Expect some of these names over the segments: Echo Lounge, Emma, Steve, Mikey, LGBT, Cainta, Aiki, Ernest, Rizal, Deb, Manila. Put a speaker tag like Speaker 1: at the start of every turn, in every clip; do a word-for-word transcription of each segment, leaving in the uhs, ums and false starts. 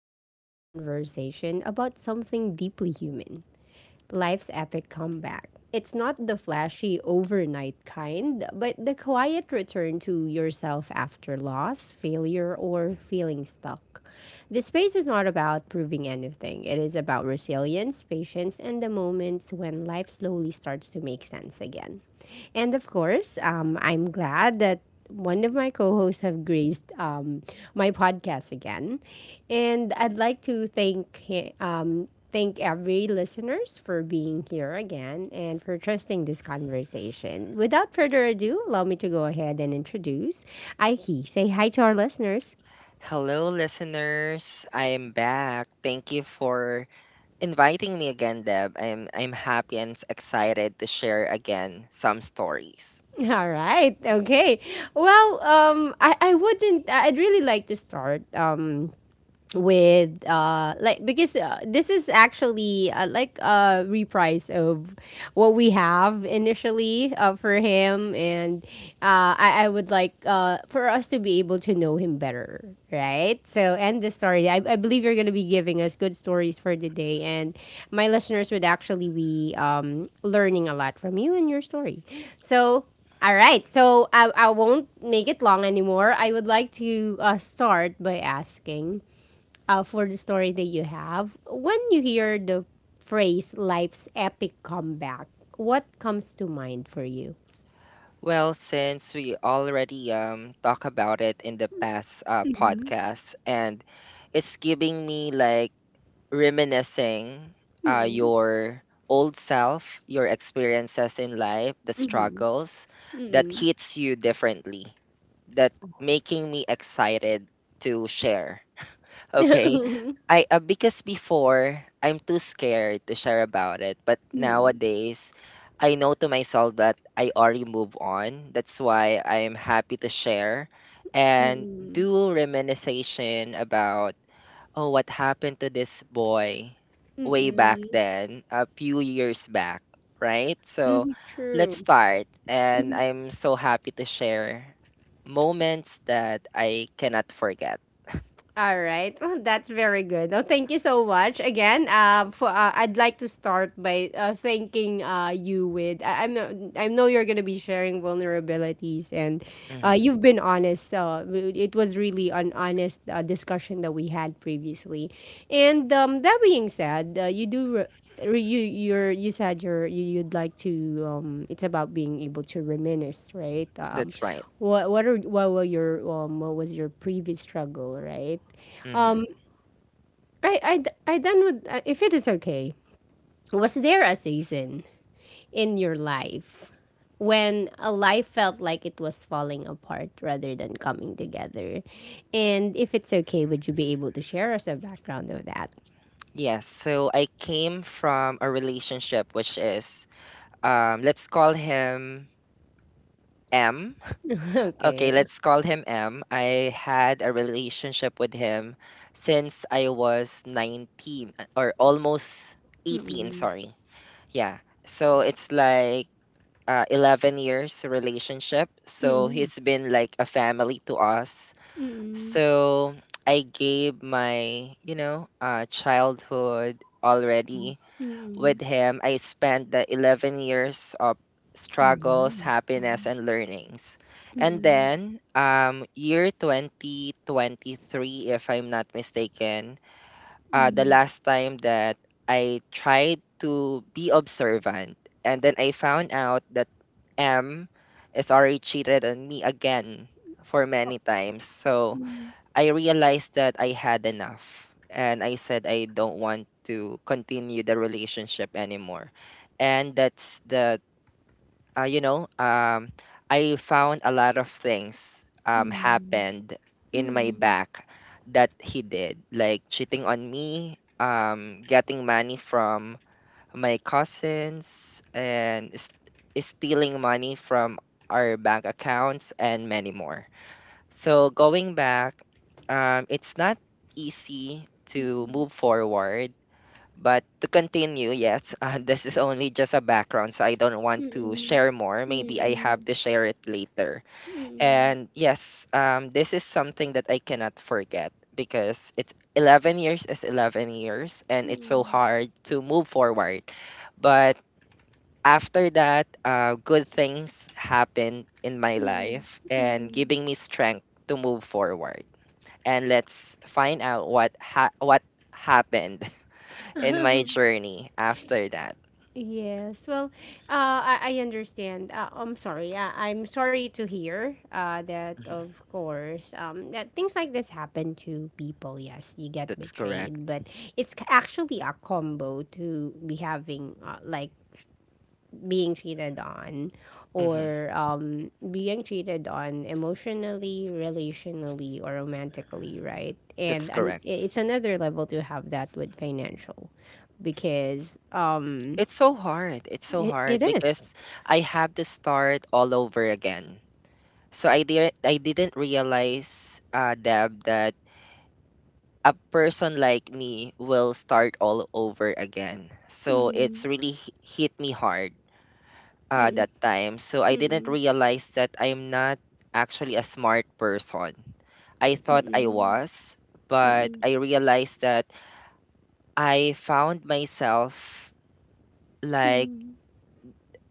Speaker 1: one on one conversation about something deeply human, life's epic comeback. It's not the flashy overnight kind, but the quiet return to yourself after loss, failure, or feeling stuck. The space is not about proving anything, it is about resilience, patience, and the moments when life slowly starts to make sense again. And of course, um, I'm glad that one of my co-hosts have graced um, my podcast again, and I'd like to thank hi- um, thank every listeners for being here again and for trusting this conversation. Without further ado, allow me to go ahead and introduce Aiki. Say hi to our listeners.
Speaker 2: Hello, listeners. I'm back. Thank you for inviting me again, Deb. I'm I'm happy and excited to share again some stories.
Speaker 1: All right. Okay. Well, um, I, I wouldn't. I'd really like to start. Um, with uh like because uh, This is actually uh, like a reprise of what we have initially uh, for him, and uh I, I would like uh for us to be able to know him better, right? So and the story I, I believe you're gonna be giving us good stories for the day, and my listeners would actually be um learning a lot from you and your story. So all right, so I, I won't make it long anymore. I would like to uh, start by asking uh, for the story that you have, when you hear the phrase life's epic comeback, what comes to mind for you?
Speaker 2: Well, since we already um talk about it in the past uh,
Speaker 1: Mhm.
Speaker 2: podcast, and it's giving me like reminiscing uh,
Speaker 1: Hmm.
Speaker 2: your old self, your experiences in life, the
Speaker 1: Mm.
Speaker 2: struggles that
Speaker 1: Hmm.
Speaker 2: hits you differently, that making me excited to share.
Speaker 1: Mm.
Speaker 2: Okay.
Speaker 1: Hmm. Mm.
Speaker 2: I uh, Because before I'm too scared to share about it, but
Speaker 1: Hmm. Mm.
Speaker 2: nowadays I know to myself that I already move on. That's why I'm happy to share and
Speaker 1: Mm-mm.
Speaker 2: do reminiscence about oh, what happened to this boy
Speaker 1: Mm-mm.
Speaker 2: way back
Speaker 1: Mm-mm.
Speaker 2: then, a few years back, right? So let's
Speaker 1: True.
Speaker 2: start. And I'm so happy to share moments that I cannot forget.
Speaker 1: All right. Well, that's very good. Oh, thank you so much again. Um, for uh, I'd like to start by uh, thanking uh you with I, I'm I know you're gonna be sharing vulnerabilities and uh
Speaker 2: hmm
Speaker 1: you've been honest. Uh, it was really an honest uh, discussion that we had previously, and um that being said, uh, you do. Re- you you're you said you're you, you'd like to um it's about being able to reminisce, right? um
Speaker 2: That's right.
Speaker 1: what what are what were your um what was your previous struggle, right?
Speaker 2: hmm
Speaker 1: Um I I d- I done with, uh, if it is okay, was there a season in your life when a life felt like it was falling apart rather than coming together? And if it's okay, would you be able to share us a background of that?
Speaker 2: Yes. So I came from a relationship which is, um, let's call him M. Okay,
Speaker 1: Okay.
Speaker 2: let's call him M. I had a relationship with him since I was nineteen uh, or almost eighteen,
Speaker 1: Mm-mm.
Speaker 2: sorry. Yeah. So it's like uh, eleven years relationship. So he's been like a family to us.
Speaker 1: Mm-mm.
Speaker 2: So I gave my, you know, uh, childhood already with him, I spent the eleven years of struggles, happiness, and learnings. And then, um, year twenty twenty-three, if I'm not mistaken, uh, the last time that I tried to be observant, and then I found out that M is already cheated on me again for many times. So, I realized that I had enough and I said I don't want to continue the relationship anymore. And that's the uh, you know, um I found a lot of things um happened in my back that he did, like cheating on me, um getting money from my cousins and st- stealing money from our bank accounts and many more. So going back, um, it's not easy to move forward, but to continue, yes, uh, this is only just a background, so I don't want to
Speaker 1: Mm-mm.
Speaker 2: share more. Maybe I
Speaker 1: Mm-mm.
Speaker 2: have to share it later.
Speaker 1: Mm-mm.
Speaker 2: And yes, um, this is something that I cannot forget because it's eleven years is eleven years, and it's so hard to move forward. But after that, uh, good things happened in my life and giving me strength to move forward and let's find out what ha- what happened in my journey after that.
Speaker 1: Yes, well, uh, I, I understand. Uh, I'm sorry. Uh, I'm sorry to hear uh, that,
Speaker 2: Mhm.
Speaker 1: of course, um, that things like this happen to people. Yes, you get
Speaker 2: That's correct.
Speaker 1: betrayed, but it's c- actually a combo to be having, uh, like, being cheated on
Speaker 2: hmm
Speaker 1: or um, being cheated on emotionally, relationally, or romantically, right? And,
Speaker 2: That's
Speaker 1: and
Speaker 2: correct.
Speaker 1: it's another level to have that with financial, because um,
Speaker 2: It's so hard. It's so
Speaker 1: it, it
Speaker 2: hard
Speaker 1: is.
Speaker 2: because I have to start all over again. So I didn't I didn't realize, uh, Deb, that a person like me will start all over again. So
Speaker 1: Mm-mm,
Speaker 2: it's really h- hit me hard uh,
Speaker 1: mm-mm,
Speaker 2: that time. So I didn't
Speaker 1: mm-mm,
Speaker 2: realize that I'm not actually a smart person. I thought I
Speaker 1: mm-mm,
Speaker 2: was, but
Speaker 1: mm-mm,
Speaker 2: I realized that I found myself like
Speaker 1: mm-mm,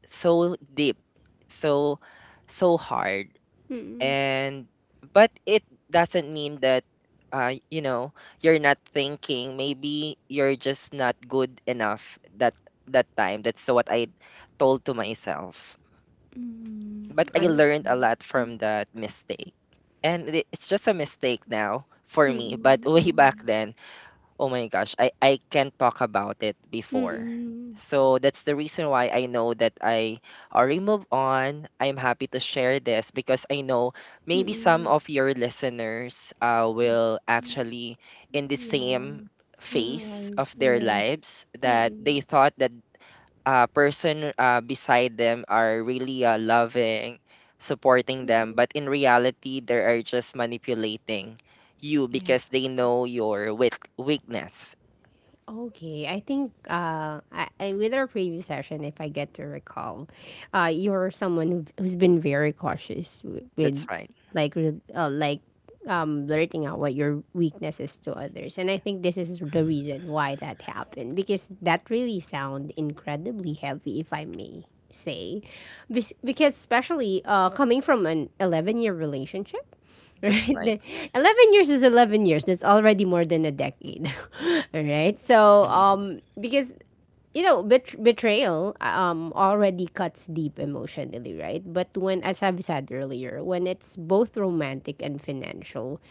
Speaker 2: so deep, so so hard.
Speaker 1: mm-mm,
Speaker 2: And but it doesn't mean that uh, you know you're not thinking. Maybe you're just not good enough that that time. That's what I told to myself.
Speaker 1: mm-mm.
Speaker 2: But I
Speaker 1: I
Speaker 2: learned a
Speaker 1: see.
Speaker 2: lot from that mistake. And it- it's just a mistake now for me, but way back
Speaker 1: Mm-mm,
Speaker 2: then, oh my gosh, I I can't talk about it before.
Speaker 1: mm-mm,
Speaker 2: So that's the reason why I know that I already moved on. I'm happy to share this because I know maybe some
Speaker 1: mm-mm,
Speaker 2: of your listeners uh, will
Speaker 1: mm-mm.
Speaker 2: actually in the
Speaker 1: Yeah,
Speaker 2: same
Speaker 1: yeah,
Speaker 2: phase
Speaker 1: I-
Speaker 2: of their
Speaker 1: yes.
Speaker 2: lives that they
Speaker 1: Mm,
Speaker 2: thought that uh, person uh, beside them are really uh, loving, supporting
Speaker 1: mm.
Speaker 2: them, but in reality, they are just manipulating you because
Speaker 1: Yes.
Speaker 2: they know your weak weakness.
Speaker 1: Okay. I think, uh, I, I, with our previous session, if I get to recall, uh, you're someone who've, who's been very cautious with,
Speaker 2: That's
Speaker 1: with
Speaker 2: right.
Speaker 1: like, re- uh, like um, blurting out what your weakness is to others. And I think this is the reason why that happened, because that really sound incredibly heavy, if I may say. Bes- Because, especially uh, coming from an eleven year relationship.
Speaker 2: That's
Speaker 1: Right?
Speaker 2: right.
Speaker 1: The- eleven years is eleven years. That's already more than a decade. All right? So,
Speaker 2: Mhm.
Speaker 1: um because, you know, bet- betrayal um already cuts deep emotionally, right? But when, as I've said earlier, when it's both romantic and financial,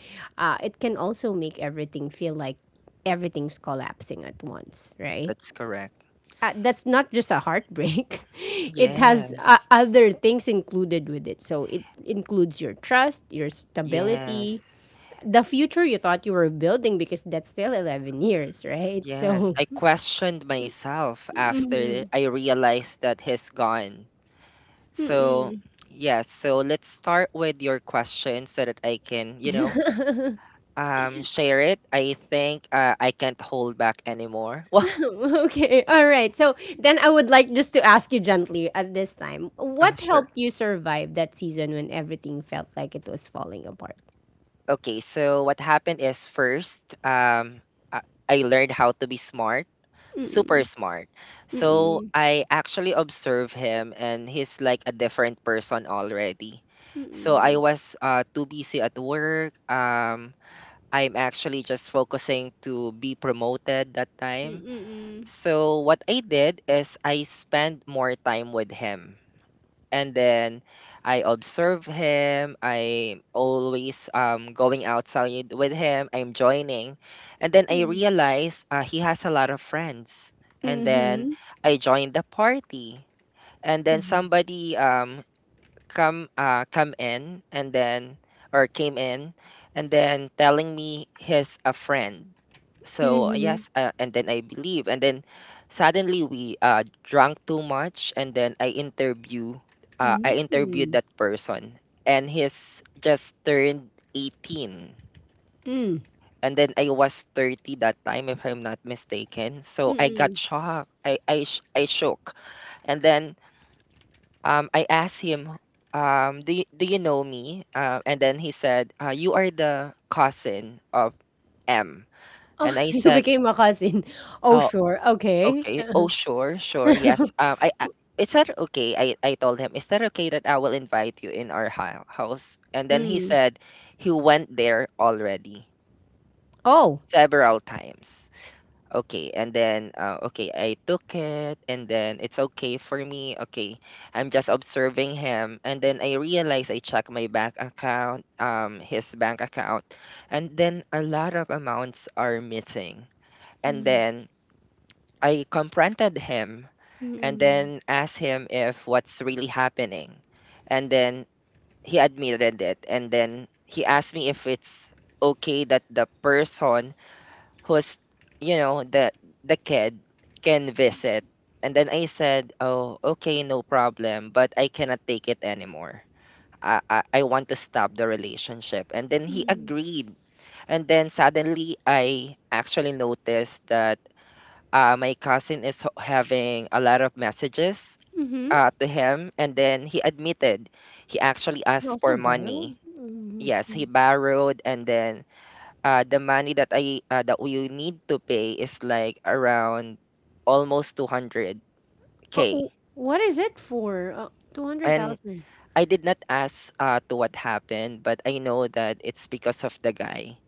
Speaker 1: uh it can also make everything feel like everything's collapsing at once, right?
Speaker 2: That's correct.
Speaker 1: Uh, that's not just a heartbreak. It has, uh,
Speaker 2: Yes.
Speaker 1: other things included with it. So it includes your trust, your stability,
Speaker 2: Yes.
Speaker 1: the future you thought you were building, because that's still eleven years, right?
Speaker 2: Yes.
Speaker 1: So,
Speaker 2: I questioned myself after I realized that he's gone. So, yes. So let's start with your question so that I can, you know, um share it. I think uh, I can't hold back anymore. Well,
Speaker 1: okay, all right. So, then I would like just to ask you gently at this time,
Speaker 2: uh,
Speaker 1: what
Speaker 2: sure.
Speaker 1: helped you survive that season when everything felt like it was falling apart?
Speaker 2: Okay, so what happened is first um i I learned how to be smart, super
Speaker 1: Mm-mm,
Speaker 2: smart. So
Speaker 1: mm-mm,
Speaker 2: I actually observe him and he's like a different person already. So I
Speaker 1: mm-mm,
Speaker 2: was uh, too busy at work. um I'm actually just focusing to be promoted that time.
Speaker 1: mm-mm,
Speaker 2: So what I did is I spent more time with him and then I observe him. I'm always um going outside with him. I'm joining, and then I realize uh, he has a lot of friends. And then
Speaker 1: mm-mm.
Speaker 2: I joined the party, and then somebody um come uh come in and then or came in and then telling me he's a friend.
Speaker 1: Mhm,
Speaker 2: So
Speaker 1: mhm,
Speaker 2: yes, uh, and then I believe and then suddenly we uh drank too much and then i interview uh, I interviewed
Speaker 1: mhm,
Speaker 2: that person and he's just turned eighteen
Speaker 1: mm,
Speaker 2: and then I was thirty that time if I'm not mistaken. So I got
Speaker 1: mm-mm.
Speaker 2: shocked. i i, sh- I shook. And then um, I asked him, um, do, you, do you know me? Uh, and then he said, uh, you are the cousin of M.
Speaker 1: Oh,
Speaker 2: And I
Speaker 1: you
Speaker 2: said,
Speaker 1: became a cousin. Oh,
Speaker 2: oh,
Speaker 1: sure. Okay.
Speaker 2: okay. Oh, sure, sure. Yes. Um, I, I Is that okay? I, I told him, is that okay that I will invite you in our hou- house? And then he said he went there already
Speaker 1: Oh.
Speaker 2: several times. Okay, and then uh, okay, I took it, and then it's okay for me. Okay, I'm just observing him, and then I realized I check my bank account, um, his bank account, and then a lot of amounts are missing. And then I confronted him, and then asked him if what's really happening, and then he admitted it, and then he asked me if it's okay that the person who's you know the the kid can visit. And then I said, oh, okay, no problem, but I cannot take it anymore. I, I I want to stop the relationship and then he agreed. And then suddenly I actually noticed that uh, my cousin is ho- having a lot of messages
Speaker 1: Mm-hmm.
Speaker 2: uh, to him and then he admitted he actually
Speaker 1: You
Speaker 2: asked
Speaker 1: also
Speaker 2: for
Speaker 1: borrowed?
Speaker 2: money. Yes, he borrowed. And then uh, the money that I uh, that we need to pay is like around almost two hundred k.
Speaker 1: Uh, w- what is it for? Uh,
Speaker 2: And
Speaker 1: two hundred thousand.
Speaker 2: I did not ask uh, to what happened, but I know that it's because of the guy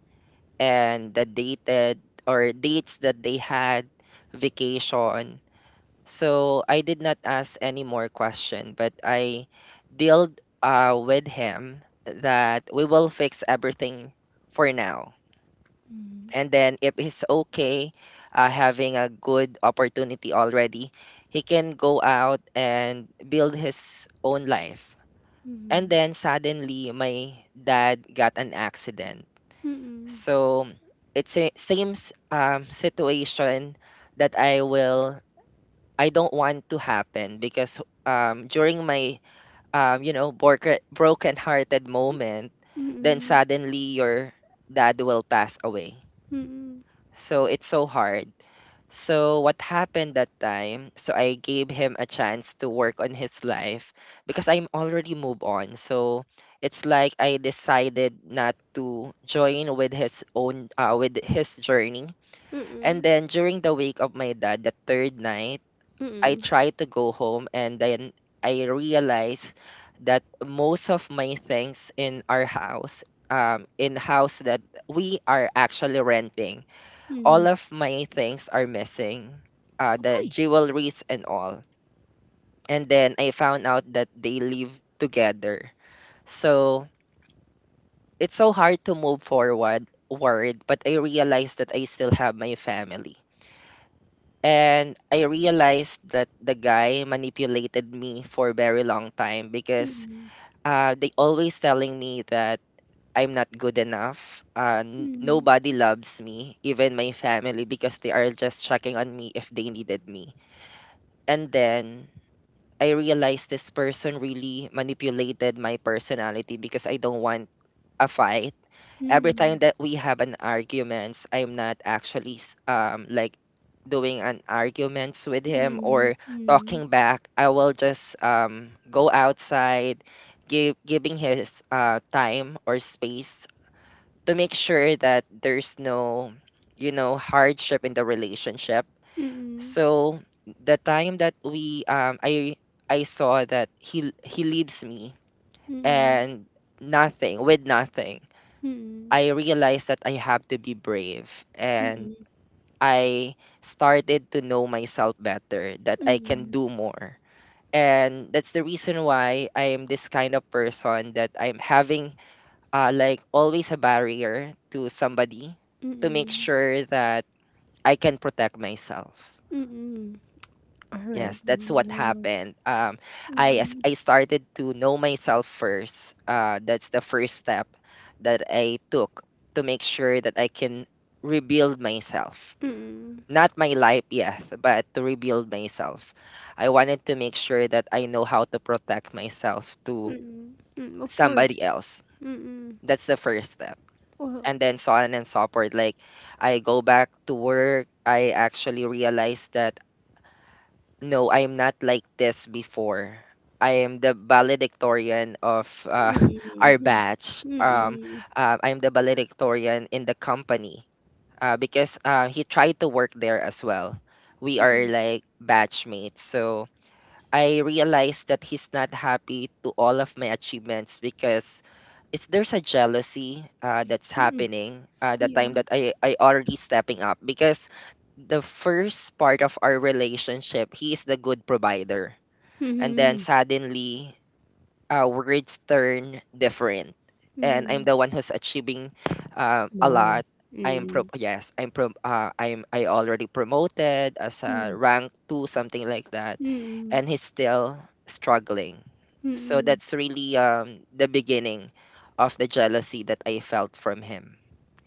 Speaker 2: and the dated or dates that they had, vacation. So I did not ask any more question, but I dealt uh, with him that we will fix everything for now. And then if he's okay, uh, having a good opportunity already, he can go out and build his own life. And then suddenly, my dad got an accident.
Speaker 1: Mm,
Speaker 2: So it's a same s- um, situation that I will I don't want to happen because um, during my um, you know broken broken-hearted moment, then
Speaker 1: mm-mm,
Speaker 2: suddenly your dad will pass away.
Speaker 1: mm-mm,
Speaker 2: So it's so hard. So what happened that time? So I gave him a chance to work on his life because I'm already moved on. So it's like I decided not to join with his own uh, with his journey.
Speaker 1: mm-mm,
Speaker 2: And then during the wake of my dad, the third night, I
Speaker 1: mm-mm,
Speaker 2: tried to go home and then I realized that most of my things in our house, um, in house that we are actually renting,
Speaker 1: mm-mm.
Speaker 2: all of my things are missing, uh, the
Speaker 1: Why?
Speaker 2: jewelries and all. And then I found out that they live together. So it's so hard to move forward, worried, but I realized that I still have my family. And I realized that the guy manipulated me for a very long time because uh, they always telling me that I'm not good enough. Uh, n-
Speaker 1: Mm-mm,
Speaker 2: nobody loves me, even my family, because they are just checking on me if they needed me. And then I realized this person really manipulated my personality because I don't want a fight. Every
Speaker 1: mm-mm,
Speaker 2: time that we have an arguments, I'm not actually s- um like doing an arguments with
Speaker 1: mm-mm,
Speaker 2: him
Speaker 1: mm-mm,
Speaker 2: or
Speaker 1: mm-mm,
Speaker 2: talking back. I will just um go outside, give giving his uh time or space to make sure that there's no you know hardship in the relationship. So the time that we um I I saw that he he leaves me
Speaker 1: mm-mm,
Speaker 2: and nothing with nothing. I realized that I have to be brave and I started to know myself better that
Speaker 1: mm-mm,
Speaker 2: I can
Speaker 1: mm-mm,
Speaker 2: do more. And that's the reason why I am this kind of person that I'm having uh, like always a barrier to somebody to make
Speaker 1: mm-mm,
Speaker 2: sure that I can protect myself.
Speaker 1: mm-mm. All right.
Speaker 2: Yes, that's
Speaker 1: Mm, yeah,
Speaker 2: what
Speaker 1: yeah.
Speaker 2: happened. Um, I As
Speaker 1: Mm-mm,
Speaker 2: I started to know myself first. Uh, that's the first step that I took to make sure that I can rebuild myself.
Speaker 1: mm-mm,
Speaker 2: Not my life, yes, but to rebuild myself. I wanted to make sure that I know how to protect myself to
Speaker 1: mm-mm, mm. Of course.
Speaker 2: somebody else.
Speaker 1: Mm-mm.
Speaker 2: That's the first step.
Speaker 1: Well,
Speaker 2: And then so on and so forth. Like I go back to work. I actually realized that no, I am not like this before. I am the valedictorian of uh, our
Speaker 1: mm-mm,
Speaker 2: batch. Um,
Speaker 1: mm-mm,
Speaker 2: uh, I am the valedictorian in the company uh, because uh, he tried to work there as well. We are
Speaker 1: mm-mm,
Speaker 2: like batchmates. So I realized that he's not happy to all of my achievements because is there's a jealousy uh, that's
Speaker 1: mm-mm,
Speaker 2: happening uh, the
Speaker 1: yeah.
Speaker 2: time
Speaker 1: Mm.
Speaker 2: that I, I already stepping up because the first part of our relationship he is the good provider. And then
Speaker 1: Hmm.
Speaker 2: suddenly uh, words turn different, and I'm
Speaker 1: Mm-mm.
Speaker 2: the one who's achieving um, a lot.
Speaker 1: More.
Speaker 2: I'm pro yes i'm pro uh, i'm i already promoted as a
Speaker 1: Mm,
Speaker 2: rank two something like that,
Speaker 1: mm,
Speaker 2: and he's still struggling. So
Speaker 1: mm.
Speaker 2: that's really um, the beginning of the jealousy that I felt from him.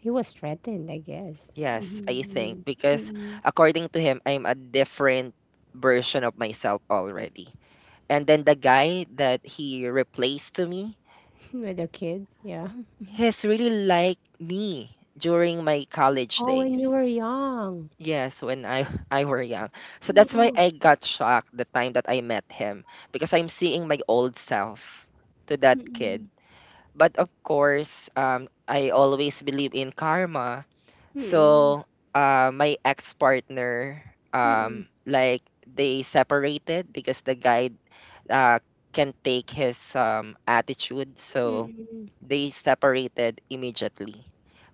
Speaker 1: He was threatened, I guess.
Speaker 2: Yes, I think
Speaker 1: Mhm, mm,
Speaker 2: because
Speaker 1: mm.
Speaker 2: according to him, I'm a different version of myself already. And then the guy that he replaced to me,
Speaker 1: With a kid, yeah.
Speaker 2: he's really like me during my college
Speaker 1: Oh, when
Speaker 2: days.
Speaker 1: you were young.
Speaker 2: Yes, when I I were young. So that's why
Speaker 1: Mm,
Speaker 2: I got shocked the time that I met him, because I'm seeing my old self to that kid.
Speaker 1: mm,
Speaker 2: But of course, um, I always believe in karma.
Speaker 1: mm,
Speaker 2: So uh, my ex-partner,
Speaker 1: mm,
Speaker 2: um,
Speaker 1: mm.
Speaker 2: like they separated because the guy uh, can't take his um, attitude. So
Speaker 1: Mm.
Speaker 2: they separated immediately.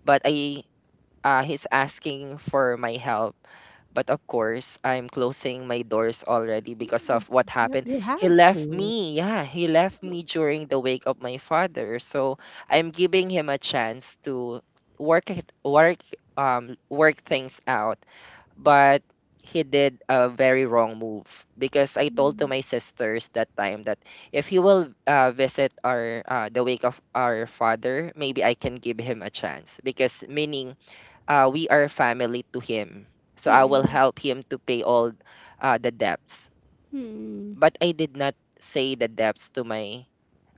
Speaker 2: But I uh, he's asking for my help. But of course, I'm closing my doors already because of what
Speaker 1: You
Speaker 2: happened.
Speaker 1: you
Speaker 2: He
Speaker 1: have
Speaker 2: left
Speaker 1: to.
Speaker 2: me. Yeah, he left me during the wake of my father. So I'm giving him a chance to work it, work um work things out, but he did a very wrong move. Because I told to
Speaker 1: Mm,
Speaker 2: my sisters that time that if he will uh, visit our uh, the wake of our father, maybe I can give him a chance, because meaning uh, we are family to him, so I will
Speaker 1: mm,
Speaker 2: help him to pay all uh, the debts.
Speaker 1: mm,
Speaker 2: But I did not say the debts to my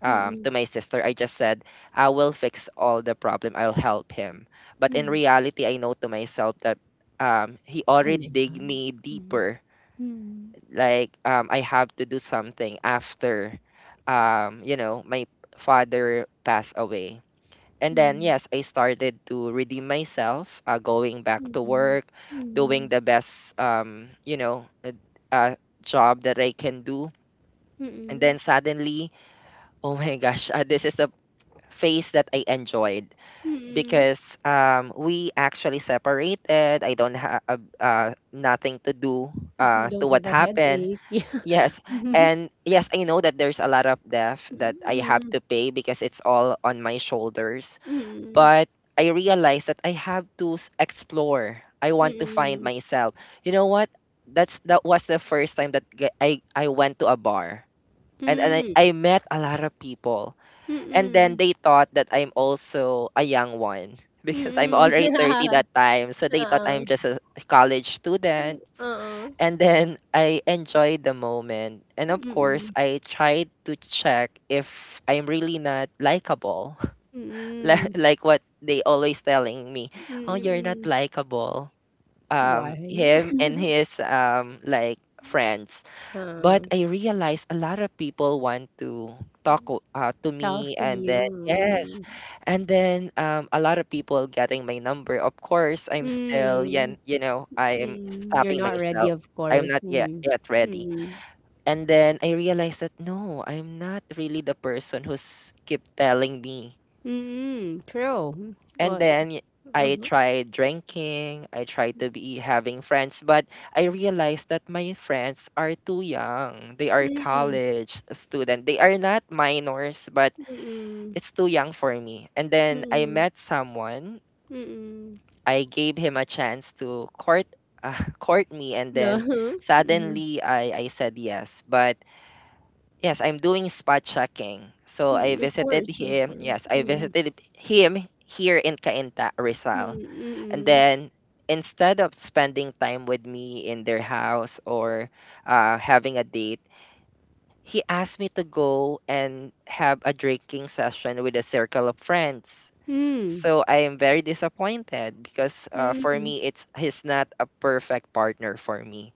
Speaker 2: um, to
Speaker 1: mm.
Speaker 2: my sister. I just said, I will fix all the problem. I'll help him. But in reality, I know to myself that um, he already dig
Speaker 1: Ganun.
Speaker 2: me
Speaker 1: Mm.
Speaker 2: deeper.
Speaker 1: Mm,
Speaker 2: Like um, I have to do something after, um, you know, my father passed away. And then yes, I started to redeem myself, uh, going back to
Speaker 1: mm,
Speaker 2: work, doing
Speaker 1: mm,
Speaker 2: the best, um, you know, uh, uh, job that I can do. And
Speaker 1: mm,
Speaker 2: then suddenly, oh my gosh, uh, this is the phase that I enjoyed,
Speaker 1: mm.
Speaker 2: because um, we actually separated. I don't have uh, uh, nothing to do
Speaker 1: You
Speaker 2: uh, to
Speaker 1: don't have
Speaker 2: what
Speaker 1: a
Speaker 2: happened.
Speaker 1: headache.
Speaker 2: Yes,
Speaker 1: Yeah.
Speaker 2: and yes, I know that there's a lot of debt that I have
Speaker 1: Mm,
Speaker 2: to pay because it's all on my shoulders.
Speaker 1: mm,
Speaker 2: But I realized that I have to s- explore. I
Speaker 1: mm,
Speaker 2: want to find
Speaker 1: mm.
Speaker 2: myself. You know what? That's that was the first time that ge- I I went to a bar, and and I,
Speaker 1: Mm.
Speaker 2: I met a lot of people, and then
Speaker 1: Mm.
Speaker 2: they thought that I'm also a young one because I'm
Speaker 1: Mm. Mm,
Speaker 2: already thirty
Speaker 1: mm.
Speaker 2: that time. So they thought
Speaker 1: Oo,
Speaker 2: I'm just a college student.
Speaker 1: oo.
Speaker 2: And then I enjoyed the moment. And of
Speaker 1: Mm,
Speaker 2: course,
Speaker 1: mm.
Speaker 2: I tried to check if I'm really not likable. Li-
Speaker 1: Mm,
Speaker 2: like what they always telling me,
Speaker 1: mm,
Speaker 2: "Oh,
Speaker 1: mm,
Speaker 2: you're not
Speaker 1: mm.
Speaker 2: likable." Um
Speaker 1: Why?
Speaker 2: him and his um like friends.
Speaker 1: Oo,
Speaker 2: But I realized a lot of people want to talk o- uh, to
Speaker 1: talk
Speaker 2: me,
Speaker 1: to
Speaker 2: and then
Speaker 1: you.
Speaker 2: yes. And then um, a lot of people getting my number. Of course, I'm still
Speaker 1: Mm.
Speaker 2: yan, you know, I'm
Speaker 1: Mm, you're
Speaker 2: stopping
Speaker 1: not ready,
Speaker 2: myself.
Speaker 1: of
Speaker 2: I'm
Speaker 1: course.
Speaker 2: not yet
Speaker 1: Mm,
Speaker 2: yet ready.
Speaker 1: mm.
Speaker 2: And then I realized that no, I'm not really the person who's keep telling me.
Speaker 1: Mm, true.
Speaker 2: And
Speaker 1: Well, the
Speaker 2: then I
Speaker 1: uh-huh.
Speaker 2: tried drinking, I tried to be having friends, but I realized that my friends are too young. They are
Speaker 1: Mm,
Speaker 2: college student. They are not minors, but
Speaker 1: mm,
Speaker 2: it's too young for me. And then I
Speaker 1: mm,
Speaker 2: met someone.
Speaker 1: mm.
Speaker 2: I gave him a chance to court uh, court me, and then
Speaker 1: Uh-huh, mhm.
Speaker 2: suddenly I I said yes. But yes, I'm doing spot checking. So I
Speaker 1: Mm, of
Speaker 2: visited
Speaker 1: course, of
Speaker 2: him.
Speaker 1: course.
Speaker 2: Yes, I
Speaker 1: Mm,
Speaker 2: visited him here in Cainta, Rizal,
Speaker 1: mm,
Speaker 2: and
Speaker 1: mm.
Speaker 2: then instead of spending time with me in their house or uh, having a date, he asked me to go and have a drinking session with a circle of friends.
Speaker 1: Mm,
Speaker 2: So I am very disappointed because uh, for
Speaker 1: mm,
Speaker 2: me, it's he's not a perfect partner for me.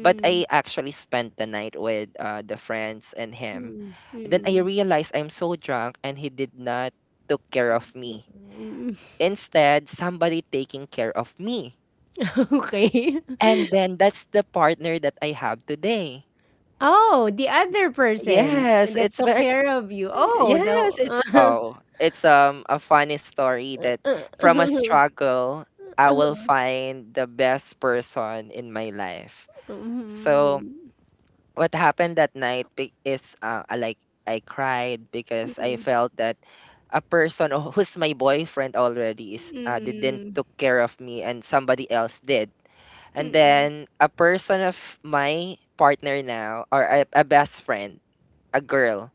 Speaker 2: But I actually spent the night with uh, the friends and him.
Speaker 1: Mm,
Speaker 2: Then I
Speaker 1: mm,
Speaker 2: realized I'm so drunk and he did not took care of me.
Speaker 1: mm.
Speaker 2: Instead, somebody taking care of me.
Speaker 1: Okay.
Speaker 2: And then that's the partner that I have today.
Speaker 1: Oh, the other person
Speaker 2: Yes,
Speaker 1: that
Speaker 2: it's
Speaker 1: took
Speaker 2: very
Speaker 1: care of you. Oh,
Speaker 2: yes, it's
Speaker 1: the
Speaker 2: oh, it's um a funny story that from a
Speaker 1: Mhm.
Speaker 2: struggle I will find the best person in my life. So what happened that night be- is uh, I like I cried because I felt that a person who- who's my boyfriend already is uh, didn't
Speaker 1: Mm,
Speaker 2: took care of me and somebody else did. And
Speaker 1: mm,
Speaker 2: then a person of my partner now, or a, a best friend, a girl.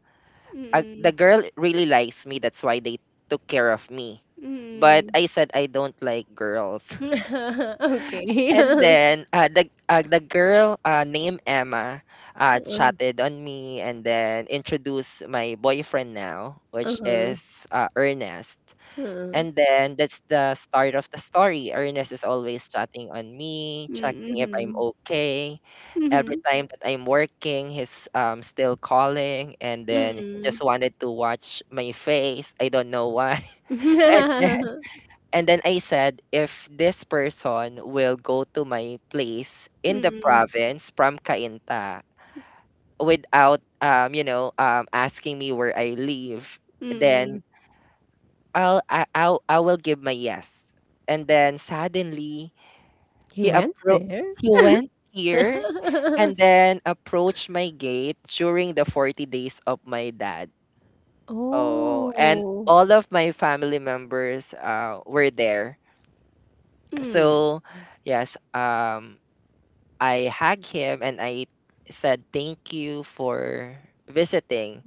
Speaker 2: A,
Speaker 1: mm,
Speaker 2: the girl really likes me. That's why they took care of me. But
Speaker 1: mm.
Speaker 2: I said I don't like girls.
Speaker 1: Okay.
Speaker 2: And then uh, the uh, the girl uh, named Emma uh, chatted on me and then introduced my boyfriend now,
Speaker 1: Uh-huh.
Speaker 2: which
Speaker 1: Uh-huh.
Speaker 2: is uh, Ernest.
Speaker 1: uh,
Speaker 2: And then that's the start of the story. Ernest is always chatting on me,
Speaker 1: Mm,
Speaker 2: checking if I'm
Speaker 1: mhm.
Speaker 2: okay every
Speaker 1: Mhm.
Speaker 2: time that I'm working, he's um still calling, and then he
Speaker 1: Mm.
Speaker 2: just wanted to watch my face. I don't know why. And then, and then I said, if this person will go to my place in the
Speaker 1: Mm,
Speaker 2: province from Cainta without um you know um asking me where I live, then
Speaker 1: mm.
Speaker 2: I'll I I'll, I will give my yes. And then suddenly
Speaker 1: He
Speaker 2: he
Speaker 1: went
Speaker 2: appro
Speaker 1: there?
Speaker 2: he went here and then approached my gate during the forty days of my dad. Oh, and
Speaker 1: Oh.
Speaker 2: all of my family members uh, were there.
Speaker 1: Mm.
Speaker 2: So, yes, um, I hugged him and I said, "Thank you for visiting."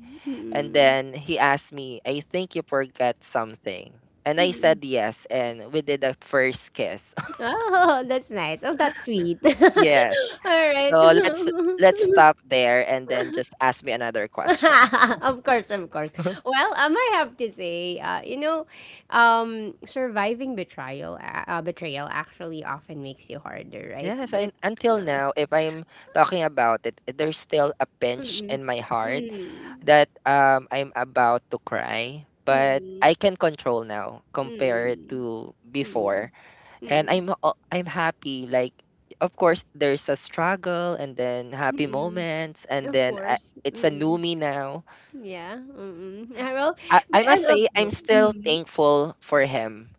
Speaker 2: And
Speaker 1: Mm.
Speaker 2: then he asked me, "I think you forgot something." And I
Speaker 1: Mm.
Speaker 2: said yes, and we did a first kiss.
Speaker 1: Oh, that's nice. Oh, that's sweet.
Speaker 2: Yes.
Speaker 1: All right.
Speaker 2: So let's let's stop there and then just ask me another question.
Speaker 1: Of course, of course. Well, um, I have to say, uh, you know, um, surviving betrayal, uh, uh, betrayal actually often makes you harder, right?
Speaker 2: Yes, and
Speaker 1: But,
Speaker 2: until
Speaker 1: uh,
Speaker 2: now, if I'm talking about it, there's still a pinch
Speaker 1: mm-mm,
Speaker 2: in my heart
Speaker 1: mm-mm,
Speaker 2: that um I'm about to cry, but
Speaker 1: mm-mm,
Speaker 2: I can control now compared
Speaker 1: mm-mm,
Speaker 2: to
Speaker 1: mm-mm,
Speaker 2: before, and
Speaker 1: mm-mm,
Speaker 2: I'm o- I'm happy. Like, of course, there's a struggle and then happy
Speaker 1: mm-mm.
Speaker 2: moments, and
Speaker 1: Of
Speaker 2: then I,
Speaker 1: course,
Speaker 2: it's a new
Speaker 1: mm-mm,
Speaker 2: me now.
Speaker 1: yeah, mm-mm. Well,
Speaker 2: I, I
Speaker 1: but
Speaker 2: must
Speaker 1: as of
Speaker 2: say, I'm
Speaker 1: course,
Speaker 2: still
Speaker 1: mm-mm,
Speaker 2: thankful for him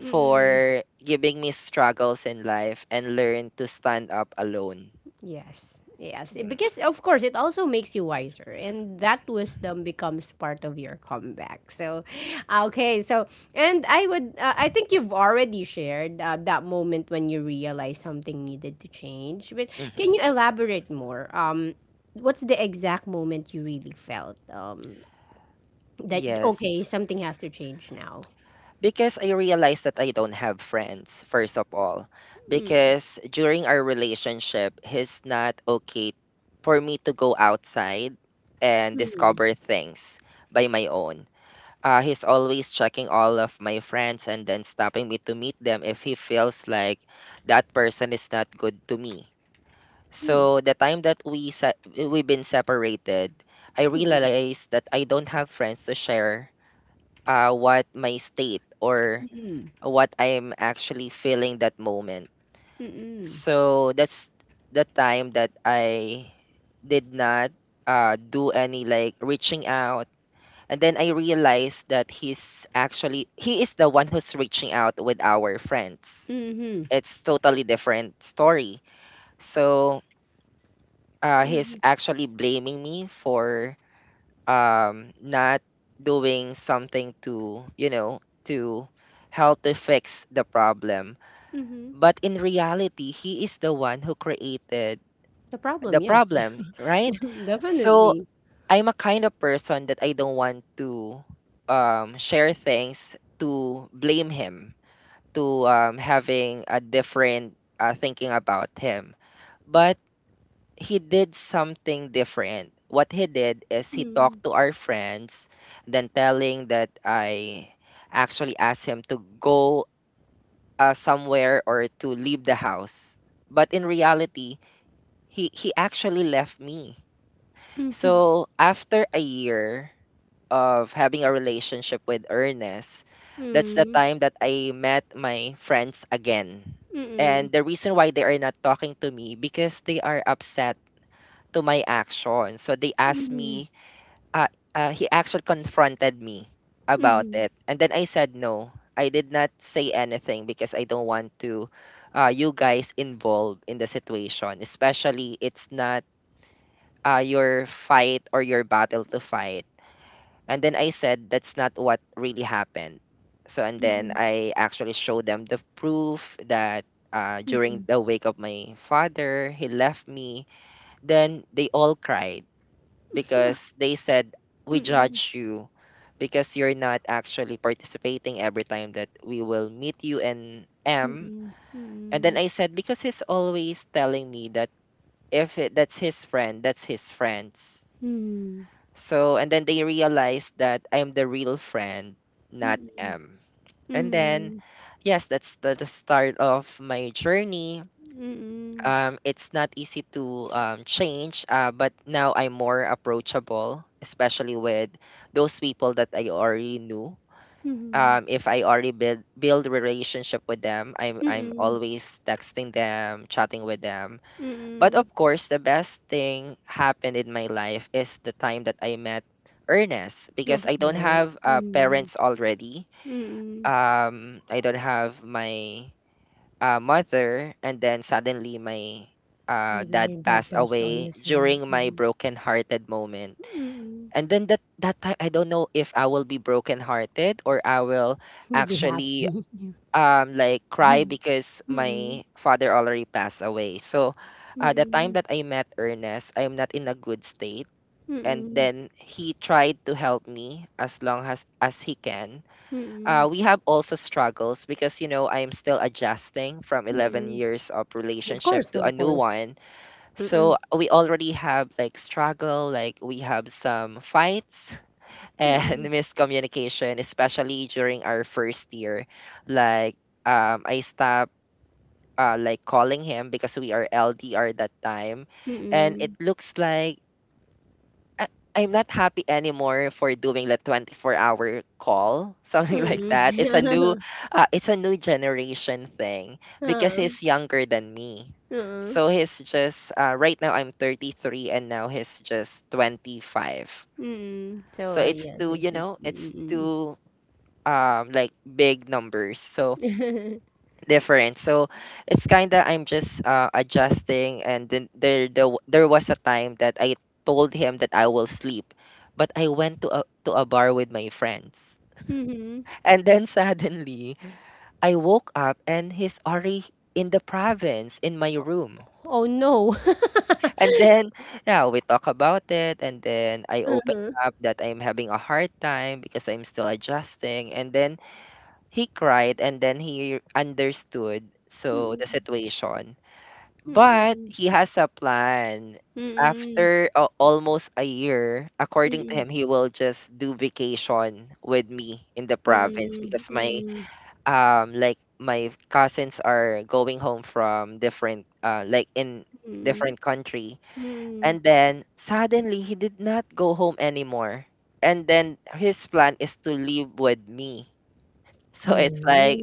Speaker 1: mm-mm.
Speaker 2: giving me struggles in life and learn to stand up alone.
Speaker 1: Yes. Yes. It-
Speaker 2: Yeah.
Speaker 1: Because of course it also makes you wiser, and that wisdom becomes part of your comeback. So okay, so and I would, uh, I think you've already shared, uh, that moment when you realized something needed to change. But
Speaker 2: Mhm.
Speaker 1: can you elaborate more? Um what's the exact moment you really felt um that
Speaker 2: Yes,
Speaker 1: okay, something has to change now?
Speaker 2: because I realized that I don't have friends, first of all.
Speaker 1: Mm.
Speaker 2: Because during our relationship, he's not okay for me to go outside and
Speaker 1: Mhm.
Speaker 2: discover things by my own. Uh, he's always checking all of my friends and then stopping me to meet them if he feels like that person is not good to me.
Speaker 1: Mm.
Speaker 2: So the time that we se- we've been separated, I realized that I don't have friends to share uh, what my state or what I'm actually feeling that moment.
Speaker 1: Mm-mm.
Speaker 2: So that's the time that I did not uh, do any like reaching out. And then I realized that he's actually, he is the one who's reaching out with our friends.
Speaker 1: Mhm.
Speaker 2: It's totally different story. So uh, he's
Speaker 1: Mhm.
Speaker 2: actually blaming me for um not doing something to you know to help to fix the problem,
Speaker 1: Mhm.
Speaker 2: but in reality he is the one who created
Speaker 1: The problem,
Speaker 2: the
Speaker 1: yes.
Speaker 2: problem, right? So
Speaker 1: Definitely.
Speaker 2: I'm a kind of person that I don't want to um, share things to blame him, to um, having a different uh, thinking about him. But he did something different. What he did is he talked to our friends, then telling that I actually asked him to go uh, somewhere or to leave the house. But in reality, he, he actually left me. So after a year of having a relationship with Ernest, that's the time that I met my friends again.
Speaker 1: Mhm,
Speaker 2: And the reason why they are not talking to me because they are upset to my action. So they asked me, uh, uh, he actually confronted me about
Speaker 1: mhm,
Speaker 2: it. And then I said no. I did not say anything because I don't want to uh, you guys involved in the situation, especially it's not uh, your fight or your battle to fight. And then I said that's not what really happened. So and then
Speaker 1: mhm,
Speaker 2: I actually showed them the proof that uh, during
Speaker 1: mhm.
Speaker 2: the wake of my father, he left me. Then they all cried because they said we
Speaker 1: Hmm.
Speaker 2: judge you because you're not actually participating every time that we will meet you and
Speaker 1: Hmm.
Speaker 2: M.
Speaker 1: Hmm.
Speaker 2: And then
Speaker 1: Mhm.
Speaker 2: I said because he's always telling me that if it, that's his friend, that's his friends. So and then they realized that I'm the real friend, not
Speaker 1: Hmm.
Speaker 2: M. And then
Speaker 1: Mhm.
Speaker 2: yes, that's the, the start of my journey.
Speaker 1: Hmm.
Speaker 2: Um, it's not easy to um, change, uh, but now I'm more approachable, especially with those people that I already knew.
Speaker 1: Mhm.
Speaker 2: Um, if I already build build relationship with them, I'm I'm always texting them, chatting with them.
Speaker 1: Hmm.
Speaker 2: But
Speaker 1: Hmm.
Speaker 2: of course, the best thing happened in my life is the time that I met Ernest
Speaker 1: Of
Speaker 2: because I don't
Speaker 1: course.
Speaker 2: have uh, parents
Speaker 1: Mhm,
Speaker 2: already.
Speaker 1: mm.
Speaker 2: Um, I don't have my uh, mother, and then suddenly my uh,
Speaker 1: Your
Speaker 2: dad
Speaker 1: your dad
Speaker 2: passed
Speaker 1: passed
Speaker 2: away
Speaker 1: on as well.
Speaker 2: during my
Speaker 1: Mhm,
Speaker 2: broken-hearted moment.
Speaker 1: mm.
Speaker 2: And then that that time, I don't know if I will be broken-hearted or I will
Speaker 1: You'll be happy.
Speaker 2: actually
Speaker 1: Yeah.
Speaker 2: um like cry
Speaker 1: Mhm,
Speaker 2: because my
Speaker 1: mm,
Speaker 2: father already passed away. So, uh, the time
Speaker 1: mm,
Speaker 2: that I met Ernest, I am not in a good state. And
Speaker 1: mm,
Speaker 2: then he tried to help me as long as as he can. Uh,
Speaker 1: mm,
Speaker 2: we have also struggles because you know I'm still adjusting from eleven
Speaker 1: mm.
Speaker 2: years of
Speaker 1: Of
Speaker 2: relationship
Speaker 1: course,
Speaker 2: to a
Speaker 1: of
Speaker 2: new
Speaker 1: course.
Speaker 2: one. So
Speaker 1: Mm-mm.
Speaker 2: we already have like struggle, like we have some fights and
Speaker 1: Mm.
Speaker 2: miscommunication, especially during our first year. Like um, I stopped uh, like calling him because we are L D R that time,
Speaker 1: Hmm.
Speaker 2: and it
Speaker 1: Mm.
Speaker 2: looks like I I'm not happy anymore for doing the twenty-four-hour call, something like
Speaker 1: Hmm.
Speaker 2: that. It's a new uh, it's a new generation thing because
Speaker 1: Mm-mm.
Speaker 2: he's younger than me. So he's just uh, right now I'm thirty-three and now he's just twenty-five.
Speaker 1: Mm-mm. So
Speaker 2: So
Speaker 1: uh,
Speaker 2: it's
Speaker 1: yeah,
Speaker 2: two,
Speaker 1: there's
Speaker 2: you
Speaker 1: a
Speaker 2: know, it's
Speaker 1: mm-mm.
Speaker 2: two um like big numbers. So different. So it's kind of I'm just uh, adjusting, and then there the, w- there was a time that I told him that I will sleep, but I went to a to a bar with my friends,
Speaker 1: Mm-hmm.
Speaker 2: and then suddenly I woke up and he's already in the province in my room,
Speaker 1: Oh no.
Speaker 2: and then yeah, we talk about it, and then I open
Speaker 1: Uh-huh.
Speaker 2: up that I'm having a hard time because I'm still adjusting, and then he cried, and then he understood so the
Speaker 1: Mm-mm.
Speaker 2: situation. But
Speaker 1: Mm-mm.
Speaker 2: he has a plan.
Speaker 1: Mm-mm.
Speaker 2: After uh, almost a year, according to him, he will just do vacation with me in the province because
Speaker 1: Mm-mm. Mm-mm.
Speaker 2: my
Speaker 1: Mm-mm.
Speaker 2: um like my cousins are going home from different uh like in
Speaker 1: Mm-mm.
Speaker 2: different country.
Speaker 1: Mm-mm.
Speaker 2: And then suddenly he did not go home anymore. And then his plan is to live with me. So it's like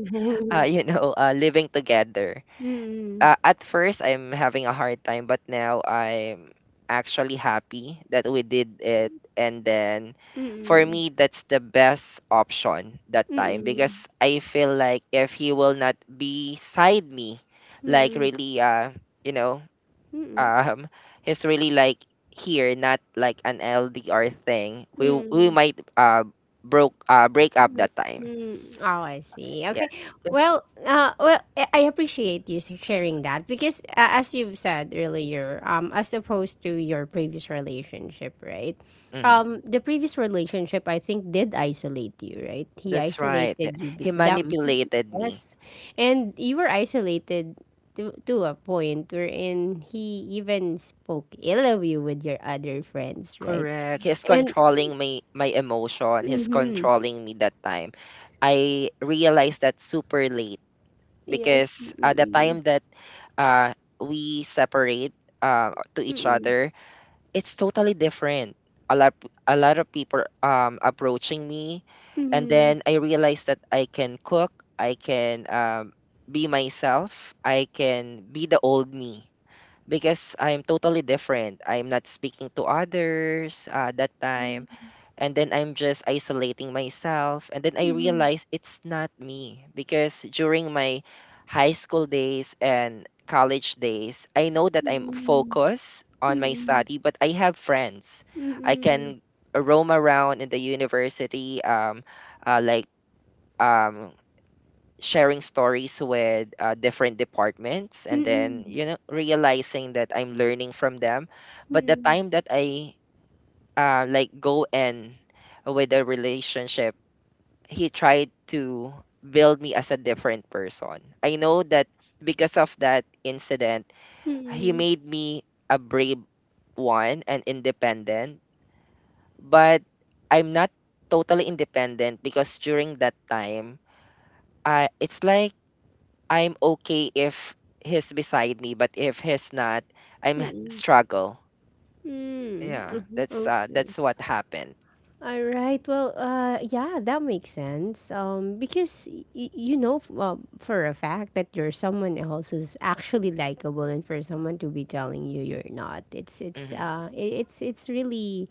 Speaker 2: uh, you know, uh, living together.
Speaker 1: Mm-mm.
Speaker 2: Uh, at first I'm having a hard time, but now I'm actually happy that we did it. And then for
Speaker 1: Mm-mm.
Speaker 2: me, that's the best option that time
Speaker 1: Mm-mm.
Speaker 2: because I feel like if he will not be side me, like
Speaker 1: Mm-mm.
Speaker 2: really, uh, you know,
Speaker 1: Mm-mm.
Speaker 2: um, he's really like here, not like an L D R thing. We we
Speaker 1: Mm-mm.
Speaker 2: might uh broke uh break up that time.
Speaker 1: Mm, oh, I see.
Speaker 2: Yeah,
Speaker 1: Okay.
Speaker 2: because
Speaker 1: Well, uh, well, I I appreciate you s- sharing that, because, uh, as you've said earlier, um, as opposed to your previous relationship, right?
Speaker 2: mhm,
Speaker 1: Um, the previous relationship, I think, did isolate you, right? He
Speaker 2: that's right.
Speaker 1: isolated you.
Speaker 2: He
Speaker 1: be- Damn.
Speaker 2: manipulated me.
Speaker 1: Yes, and you were isolated to to a point wherein he even spoke ill of you with your other friends, right?
Speaker 2: Correct. He's
Speaker 1: And
Speaker 2: controlling my my emotion. He's
Speaker 1: mm-hmm,
Speaker 2: controlling me that time. I realized that super late
Speaker 1: yes.
Speaker 2: because uh, the
Speaker 1: Mm-mm.
Speaker 2: time that uh, we separate uh, to each other, it's totally different. A lot a lot of people um approaching me, and
Speaker 1: Mhm.
Speaker 2: then I realized that I can cook. I can um, be myself. I can be the old me because I'm totally different. I'm not speaking to others uh, that
Speaker 1: Yeah.
Speaker 2: time. And then I'm just isolating myself. And then I
Speaker 1: Mhm.
Speaker 2: realized it's not me because during my high school days and college days, I know that I'm
Speaker 1: Hmm.
Speaker 2: focused on my
Speaker 1: Hmm.
Speaker 2: study, but I have friends. I
Speaker 1: Hmm.
Speaker 2: can roam around in the university, um, uh, like um, sharing stories with uh, different departments, and
Speaker 1: Hmm. Hmm.
Speaker 2: then you know realizing that I'm learning from them. But the
Speaker 1: Hmm.
Speaker 2: time that I uh, like go in with a relationship, he tried to build me as a different person. I know that because of that incident, he
Speaker 1: Hmm.
Speaker 2: made me a brave one and independent, but I'm not totally independent because during that time, uh, it's like I'm okay if he's beside me, but if he's not, I'm h-
Speaker 1: Hmm.
Speaker 2: struggle. Yeah,
Speaker 1: Mhm.
Speaker 2: that's uh,
Speaker 1: Okay.
Speaker 2: that's what happened.
Speaker 1: All right. Well, uh, yeah, that makes sense. Um, because y- y- you know, f- well, for a fact that you're someone else who's actually likable, and for someone to be telling you you're not, it's it's
Speaker 2: Hmm.
Speaker 1: uh, i- it's it's really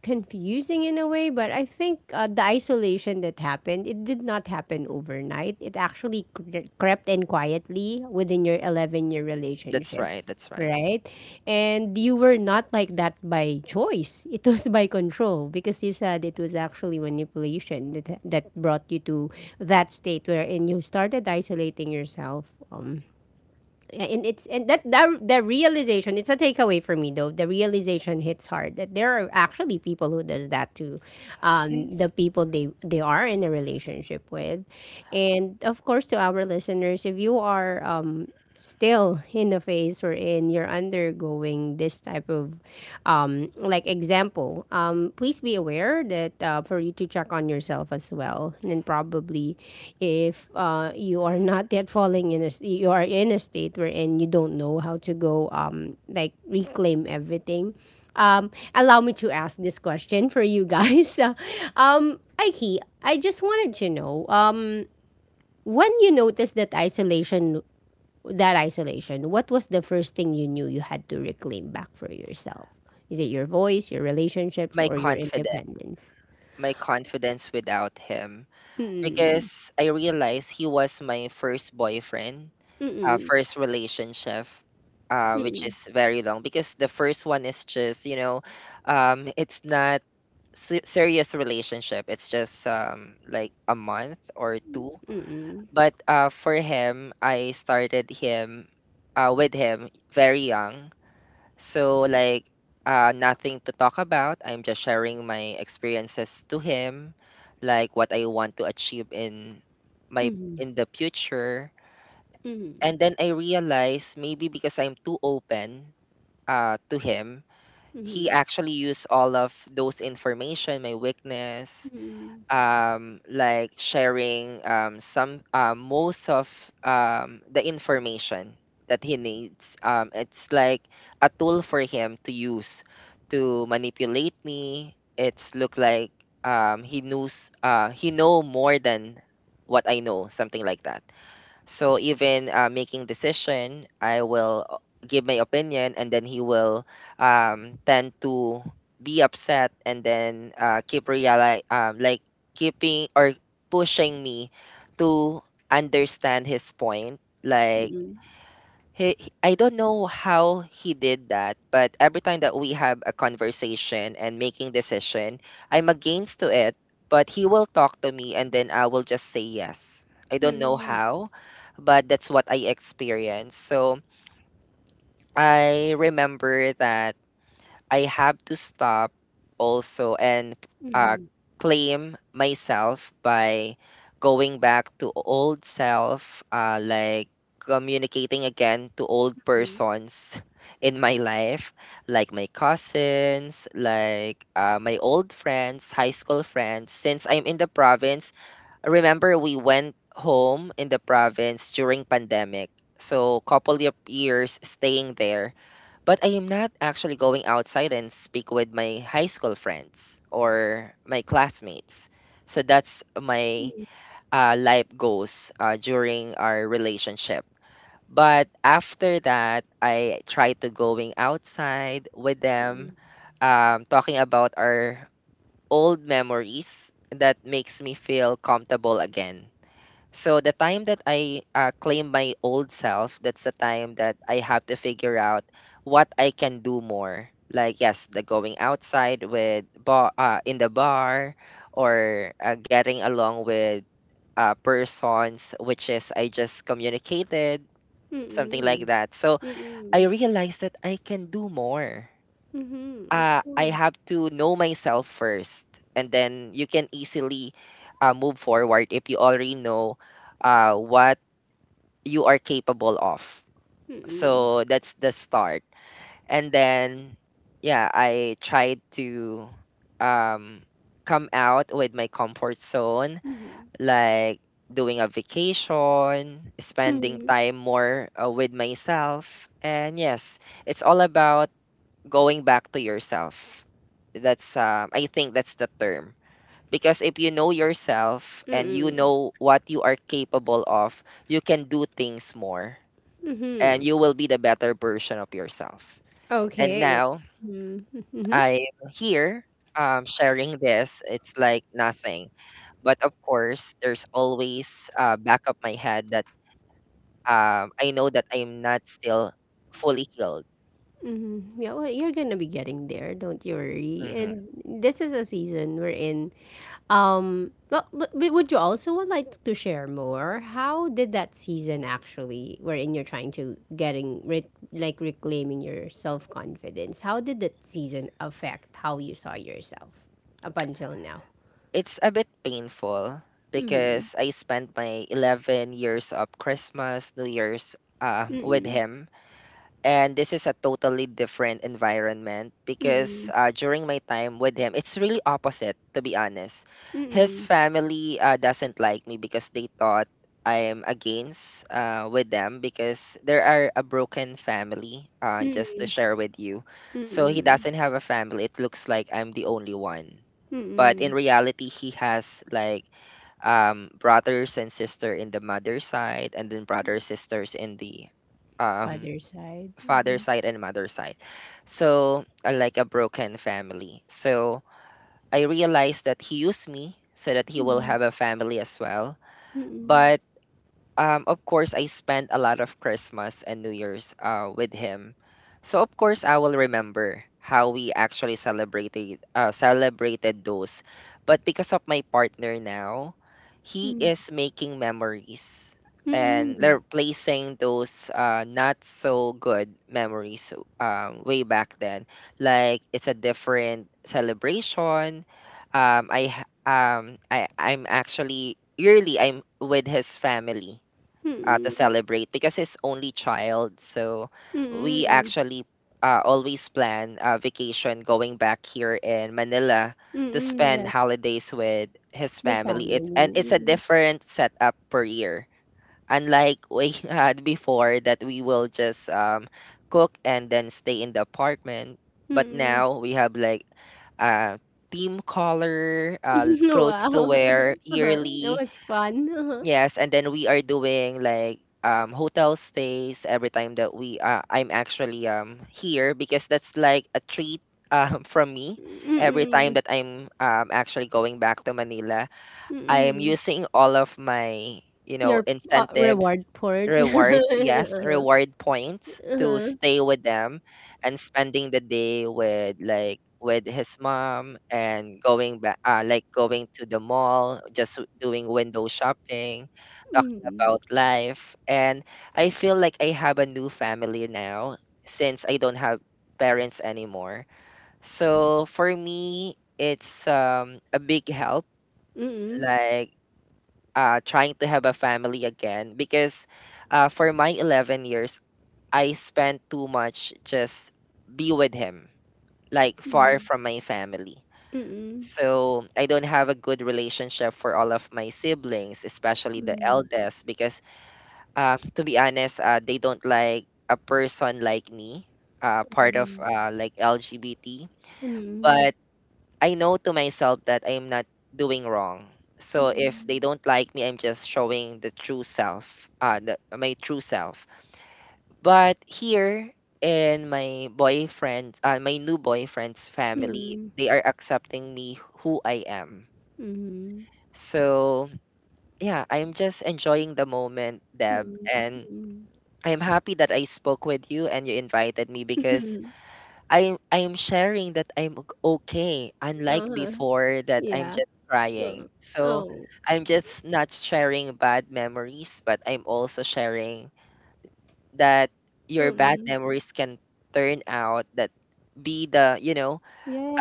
Speaker 1: confusing in a way. But I think uh, the isolation that happened, it did not happen overnight. It actually cre- crept in quietly within your eleven year
Speaker 2: That's
Speaker 1: relationship,
Speaker 2: right. That's right.
Speaker 1: right? And you were not like that by choice. It was by control, because you said it was actually manipulation that, that brought you to that state wherein you started isolating yourself. Um, yeah, and it's and that that the realization, it's a takeaway for me, though the realization hits hard that there are actually people who does that to, um, the
Speaker 2: Yes,
Speaker 1: people they they are in a relationship with. And of course, to our listeners, if you are um, still in the phase, or in you're undergoing this type of um, like example people, um, please be aware that uh, for you to check on yourself as well. And probably, if uh, you are not yet falling in a, you are in a state wherein you don't know how to go, um, like reclaim everything. Um, allow me to ask this question for you guys. um, Aiki, I just wanted to know, um, when you notice that isolation, that isolation, what was the first thing you knew you had to reclaim back for yourself? Is it your voice, your relationships,
Speaker 2: my
Speaker 1: or your
Speaker 2: confidence,
Speaker 1: independence?
Speaker 2: my confidence without him,
Speaker 1: Mm.
Speaker 2: because I realized he was my first boyfriend, uh,
Speaker 1: Mm.
Speaker 2: first relationship. Uh, which
Speaker 1: Mm.
Speaker 2: is very long because the first one is just you know um, it's not se- serious relationship, it's just um, like a month or two.
Speaker 1: Mm.
Speaker 2: But uh, for him, I started him uh, with him very young. So like uh, nothing to talk about. I'm just sharing my experiences to him, like what I want to achieve in
Speaker 1: Mm.
Speaker 2: my
Speaker 1: Mm.
Speaker 2: in the future.
Speaker 1: Mm.
Speaker 2: And then I realized maybe because I'm too open uh, to him,
Speaker 1: Mm.
Speaker 2: he
Speaker 1: Mm.
Speaker 2: actually used all of those information, my weakness, um like sharing um some uh, most of um the information that he needs. Um it's like a tool for him to use to manipulate me. It's look like um he knows uh he know more than what I know, something like that. So even uh, making decision, I will o- give my opinion, and then he will um, tend to be upset, and then uh, keep reali- um, like keeping or pushing me to understand his point. Like
Speaker 1: Mm.
Speaker 2: he, he- I don't know how he did that, but every time that we have a conversation and making decision, I'm against to it, but he will talk to me and then I will just say yes. I don't know
Speaker 1: Mm.
Speaker 2: how, but that's what I experienced. So I remember that I have to stop also and uh, claim myself by going back to old self, uh, like communicating again to old persons in my life, like my cousins, like uh, my old friends, high school friends. Since I'm in the province, remember we went home in the province during pandemic. So couple of years staying there, but I am not actually going outside and speak with my high school friends or my classmates. So that's my uh, life goals uh, during our relationship. But after that, I try to going outside with them, um, talking about our old memories. That makes me feel comfortable again. So the time that I uh, claim my old self, that's the time that I have to figure out what I can do more. Like yes, the going outside with bar uh, in the bar, or uh, getting along with uh, persons, which is I just communicated, something like
Speaker 1: Mm.
Speaker 2: that. So
Speaker 1: Mm.
Speaker 2: I realized that I can do more.
Speaker 1: Mm. Of
Speaker 2: Uh, I
Speaker 1: course.
Speaker 2: have to know myself first, and then you can easily uh, move forward if you already know uh, what you are capable of.
Speaker 1: Mm.
Speaker 2: So that's the start. And then yeah, I tried to um come out with my comfort zone,
Speaker 1: Mm.
Speaker 2: like doing a vacation, spending
Speaker 1: Mm.
Speaker 2: time more uh, with myself. And yes, it's all about going back to yourself. That's um I think that's the term. Because if you know yourself and you
Speaker 1: Mm.
Speaker 2: know what you are capable of, you can do things more and
Speaker 1: Mm.
Speaker 2: you will be the better version of yourself. And
Speaker 1: Okay.
Speaker 2: now
Speaker 1: Mm. Mm-hmm.
Speaker 2: I'm here um, sharing this. It's like nothing. But of course, there's always uh, back of my head that um, I know that I'm not still fully healed.
Speaker 1: Yeah, well, you're gonna be getting there, don't you worry.
Speaker 2: Hmm.
Speaker 1: And this is a season we're in. Um, but, but but would you also would like to share more? How did that season actually, wherein you're trying to getting re- like reclaiming your self confidence? How did that season affect how you saw yourself up until now?
Speaker 2: It's a bit painful because I spent my eleven years of Christmas, New Year's um, with him, and this is a totally different environment because uh, during my time with him it's really opposite, to be honest. His
Speaker 1: Mm-mm.
Speaker 2: family uh, doesn't like me because they thought I am against uh, with them because there are a broken family, uh, just to
Speaker 1: Mm-mm.
Speaker 2: share with you. So he
Speaker 1: Mm-mm.
Speaker 2: doesn't have a family, it looks like I'm the only one. But
Speaker 1: Mm-mm.
Speaker 2: in reality he has like um, brothers and sister in the mother side, and then brothers sisters in the um
Speaker 1: Father side.
Speaker 2: father
Speaker 1: Mhm.
Speaker 2: side and mother side. So, uh, like a broken family. So, I realized that he used me so that he will have a family as well.
Speaker 1: Mm-mm.
Speaker 2: But um, of course, I spent a lot of Christmas and New Year's uh, with him. So of course, I will remember how we actually celebrated uh, celebrated those. But because of my partner now, he
Speaker 1: Mm-mm.
Speaker 2: is making memories and
Speaker 1: Mm-mm.
Speaker 2: replacing those uh, not so good memories um, way back then. Like it's a different celebration. Um, I ha- um I I'm actually yearly I'm with his family
Speaker 1: Mm-mm.
Speaker 2: uh, to
Speaker 1: Mm-mm.
Speaker 2: celebrate because he's only child. So we
Speaker 1: Mm-mm.
Speaker 2: actually uh, always plan a vacation going back here in Manila to
Speaker 1: Mm-mm.
Speaker 2: spend
Speaker 1: Yes,
Speaker 2: holidays with his
Speaker 1: the
Speaker 2: family.
Speaker 1: family.
Speaker 2: It's and it's a
Speaker 1: Mm-mm.
Speaker 2: different setup per year. Unlike we had before that we will just um, cook and then stay in the apartment. But
Speaker 1: Mm-mm.
Speaker 2: now we have like uh, team color, uh,
Speaker 1: Wow,
Speaker 2: clothes to
Speaker 1: uh-huh,
Speaker 2: wear
Speaker 1: uh-huh. That
Speaker 2: yearly.
Speaker 1: was fun, uh-huh.
Speaker 2: Yes, and then we are doing like um hotel stays every time that we uh, I'm actually um here because that's like a treat um from me
Speaker 1: Mm,
Speaker 2: every time
Speaker 1: mm,
Speaker 2: that I'm um actually going back to Manila. I'm
Speaker 1: mm.
Speaker 2: using all of my, you know,
Speaker 1: Your, uh,
Speaker 2: incentives,
Speaker 1: reward poured.
Speaker 2: rewards, yes, reward points to stay with them and spending the day with like with his mom and going back uh, like going to the mall, just w- doing window shopping, talking about life. And I feel like I have a new family now since I don't have parents anymore. So for me, it's um a big help
Speaker 1: Mm,
Speaker 2: like uh, trying to have a family again because uh, for my eleven years, I spent too much just be with him, like
Speaker 1: mm,
Speaker 2: far
Speaker 1: mm,
Speaker 2: from my family.
Speaker 1: mm,
Speaker 2: So I don't have a good relationship for all of my siblings, especially the
Speaker 1: mm,
Speaker 2: eldest, because uh, to be honest, uh, they don't like a person like me, uh, part of uh, like L G B T.
Speaker 1: mm,
Speaker 2: But I know to myself that I am not doing wrong. So if they
Speaker 1: mm,
Speaker 2: don't like me, I'm just showing the true self, uh, the, my true self. But here in my boyfriend, uh, my new boyfriend's family,
Speaker 1: mm,
Speaker 2: they are accepting me who I am.
Speaker 1: mm,
Speaker 2: So yeah, I'm just enjoying the moment, Deb, and
Speaker 1: mm.
Speaker 2: I'm happy that I spoke with you and you invited me because
Speaker 1: Mhm,
Speaker 2: I'm I'm sharing that I'm ok- okay, unlike
Speaker 1: uh-huh,
Speaker 2: before that I'm
Speaker 1: yeah,
Speaker 2: just
Speaker 1: uh,
Speaker 2: crying. So
Speaker 1: oh,
Speaker 2: I'm just not sharing bad memories, but I'm also sharing that your bad
Speaker 1: mm,
Speaker 2: memories can turn out that be the you know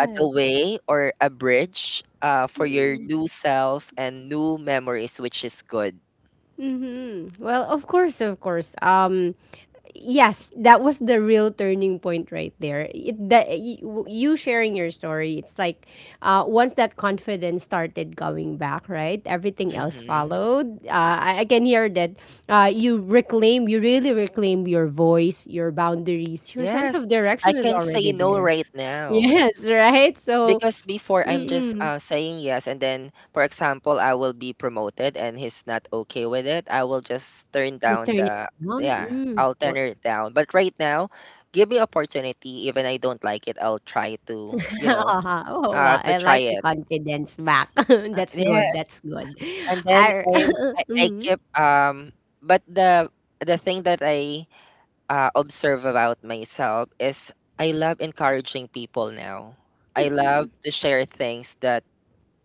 Speaker 2: uh, the way or a bridge uh, for your
Speaker 1: mm,
Speaker 2: new self and new memories, which is good.
Speaker 1: mhm. Well, of course, of course, um Yes, that was the real turning point right there. It, the, you, you sharing your story, it's like uh, once that confidence started going back, right? Everything else
Speaker 2: Hmm.
Speaker 1: followed. Uh, I, I can hear that uh, you reclaim, you really reclaim your voice, your boundaries, your sense
Speaker 2: Yes,
Speaker 1: of
Speaker 2: I
Speaker 1: direction is
Speaker 2: can say
Speaker 1: already
Speaker 2: no
Speaker 1: there.
Speaker 2: right now,
Speaker 1: Yes, right? So,
Speaker 2: because before I'm just
Speaker 1: mm-mm,
Speaker 2: uh, saying yes, and then, for example, I will be promoted and he's not okay with it, I will just turn
Speaker 1: you
Speaker 2: down
Speaker 1: turn it
Speaker 2: the,
Speaker 1: on.
Speaker 2: yeah,
Speaker 1: Mm,
Speaker 2: I'll turn
Speaker 1: well,
Speaker 2: it down. But right now, give me opportunity. Even I don't like it, I'll try to, you know,
Speaker 1: Oh,
Speaker 2: uh,
Speaker 1: wow,
Speaker 2: to
Speaker 1: I
Speaker 2: try
Speaker 1: like the
Speaker 2: it.
Speaker 1: confidence back.
Speaker 2: Uh,
Speaker 1: That's
Speaker 2: Yeah,
Speaker 1: good, that's good.
Speaker 2: and then
Speaker 1: Ar
Speaker 2: I'm, I, I
Speaker 1: mhm,
Speaker 2: keep, um, but the, the thing that I uh, observe about myself is I love encouraging people now. I love
Speaker 1: mm,
Speaker 2: to share things that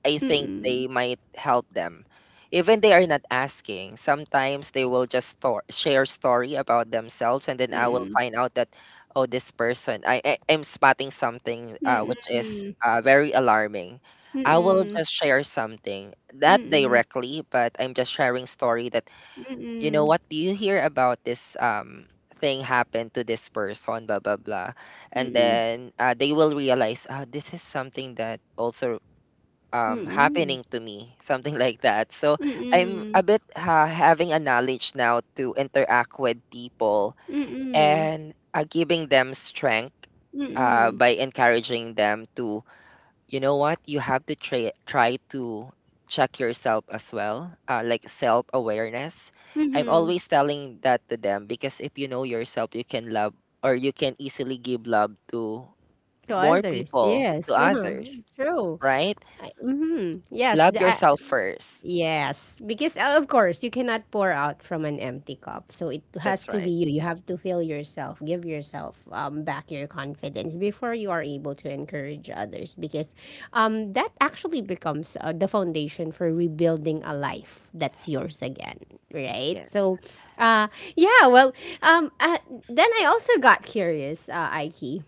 Speaker 2: I
Speaker 1: mm,
Speaker 2: think
Speaker 1: mm,
Speaker 2: they might help them. Even they are not asking, sometimes they will just store, share story about themselves, and then I will
Speaker 1: mm,
Speaker 2: find out that, oh, this person, I, I am spotting something uh, which is
Speaker 1: mm,
Speaker 2: uh, very alarming.
Speaker 1: mm,
Speaker 2: I will
Speaker 1: mm,
Speaker 2: just share something,
Speaker 1: mm,
Speaker 2: not
Speaker 1: mm, mm,
Speaker 2: directly, but I'm just sharing story that, you know, what do you hear about this um thing happened to this person, blah blah blah, and then uh, they will realize, ah, this is something that also um happening to me something like that. So I'm a bit ha- having a knowledge now to interact with people
Speaker 1: mm,
Speaker 2: and uh, giving them strength
Speaker 1: mm,
Speaker 2: uh,
Speaker 1: mm,
Speaker 2: by encouraging them to, you know, what you have to try try to check yourself as well, uh, like self awareness. I'm
Speaker 1: mhm.
Speaker 2: always telling that to them because if you know yourself you can love, or you can easily give love to
Speaker 1: To
Speaker 2: more
Speaker 1: others,
Speaker 2: people, to
Speaker 1: yes, uh-huh,
Speaker 2: others,
Speaker 1: true.
Speaker 2: right?
Speaker 1: I mhm, yes,
Speaker 2: Love
Speaker 1: the, I,
Speaker 2: yourself first.
Speaker 1: Yes, because uh, of course you cannot pour out from an empty cup. So it has
Speaker 2: That's
Speaker 1: to
Speaker 2: right.
Speaker 1: be you. You have to feel yourself, give yourself um, back your confidence before you are able to encourage others. Because um, that actually becomes uh, the foundation for rebuilding a life that's yours again, right?
Speaker 2: Yes.
Speaker 1: So, uh, yeah. Well, um, uh, then I also got curious, uh, Aiki.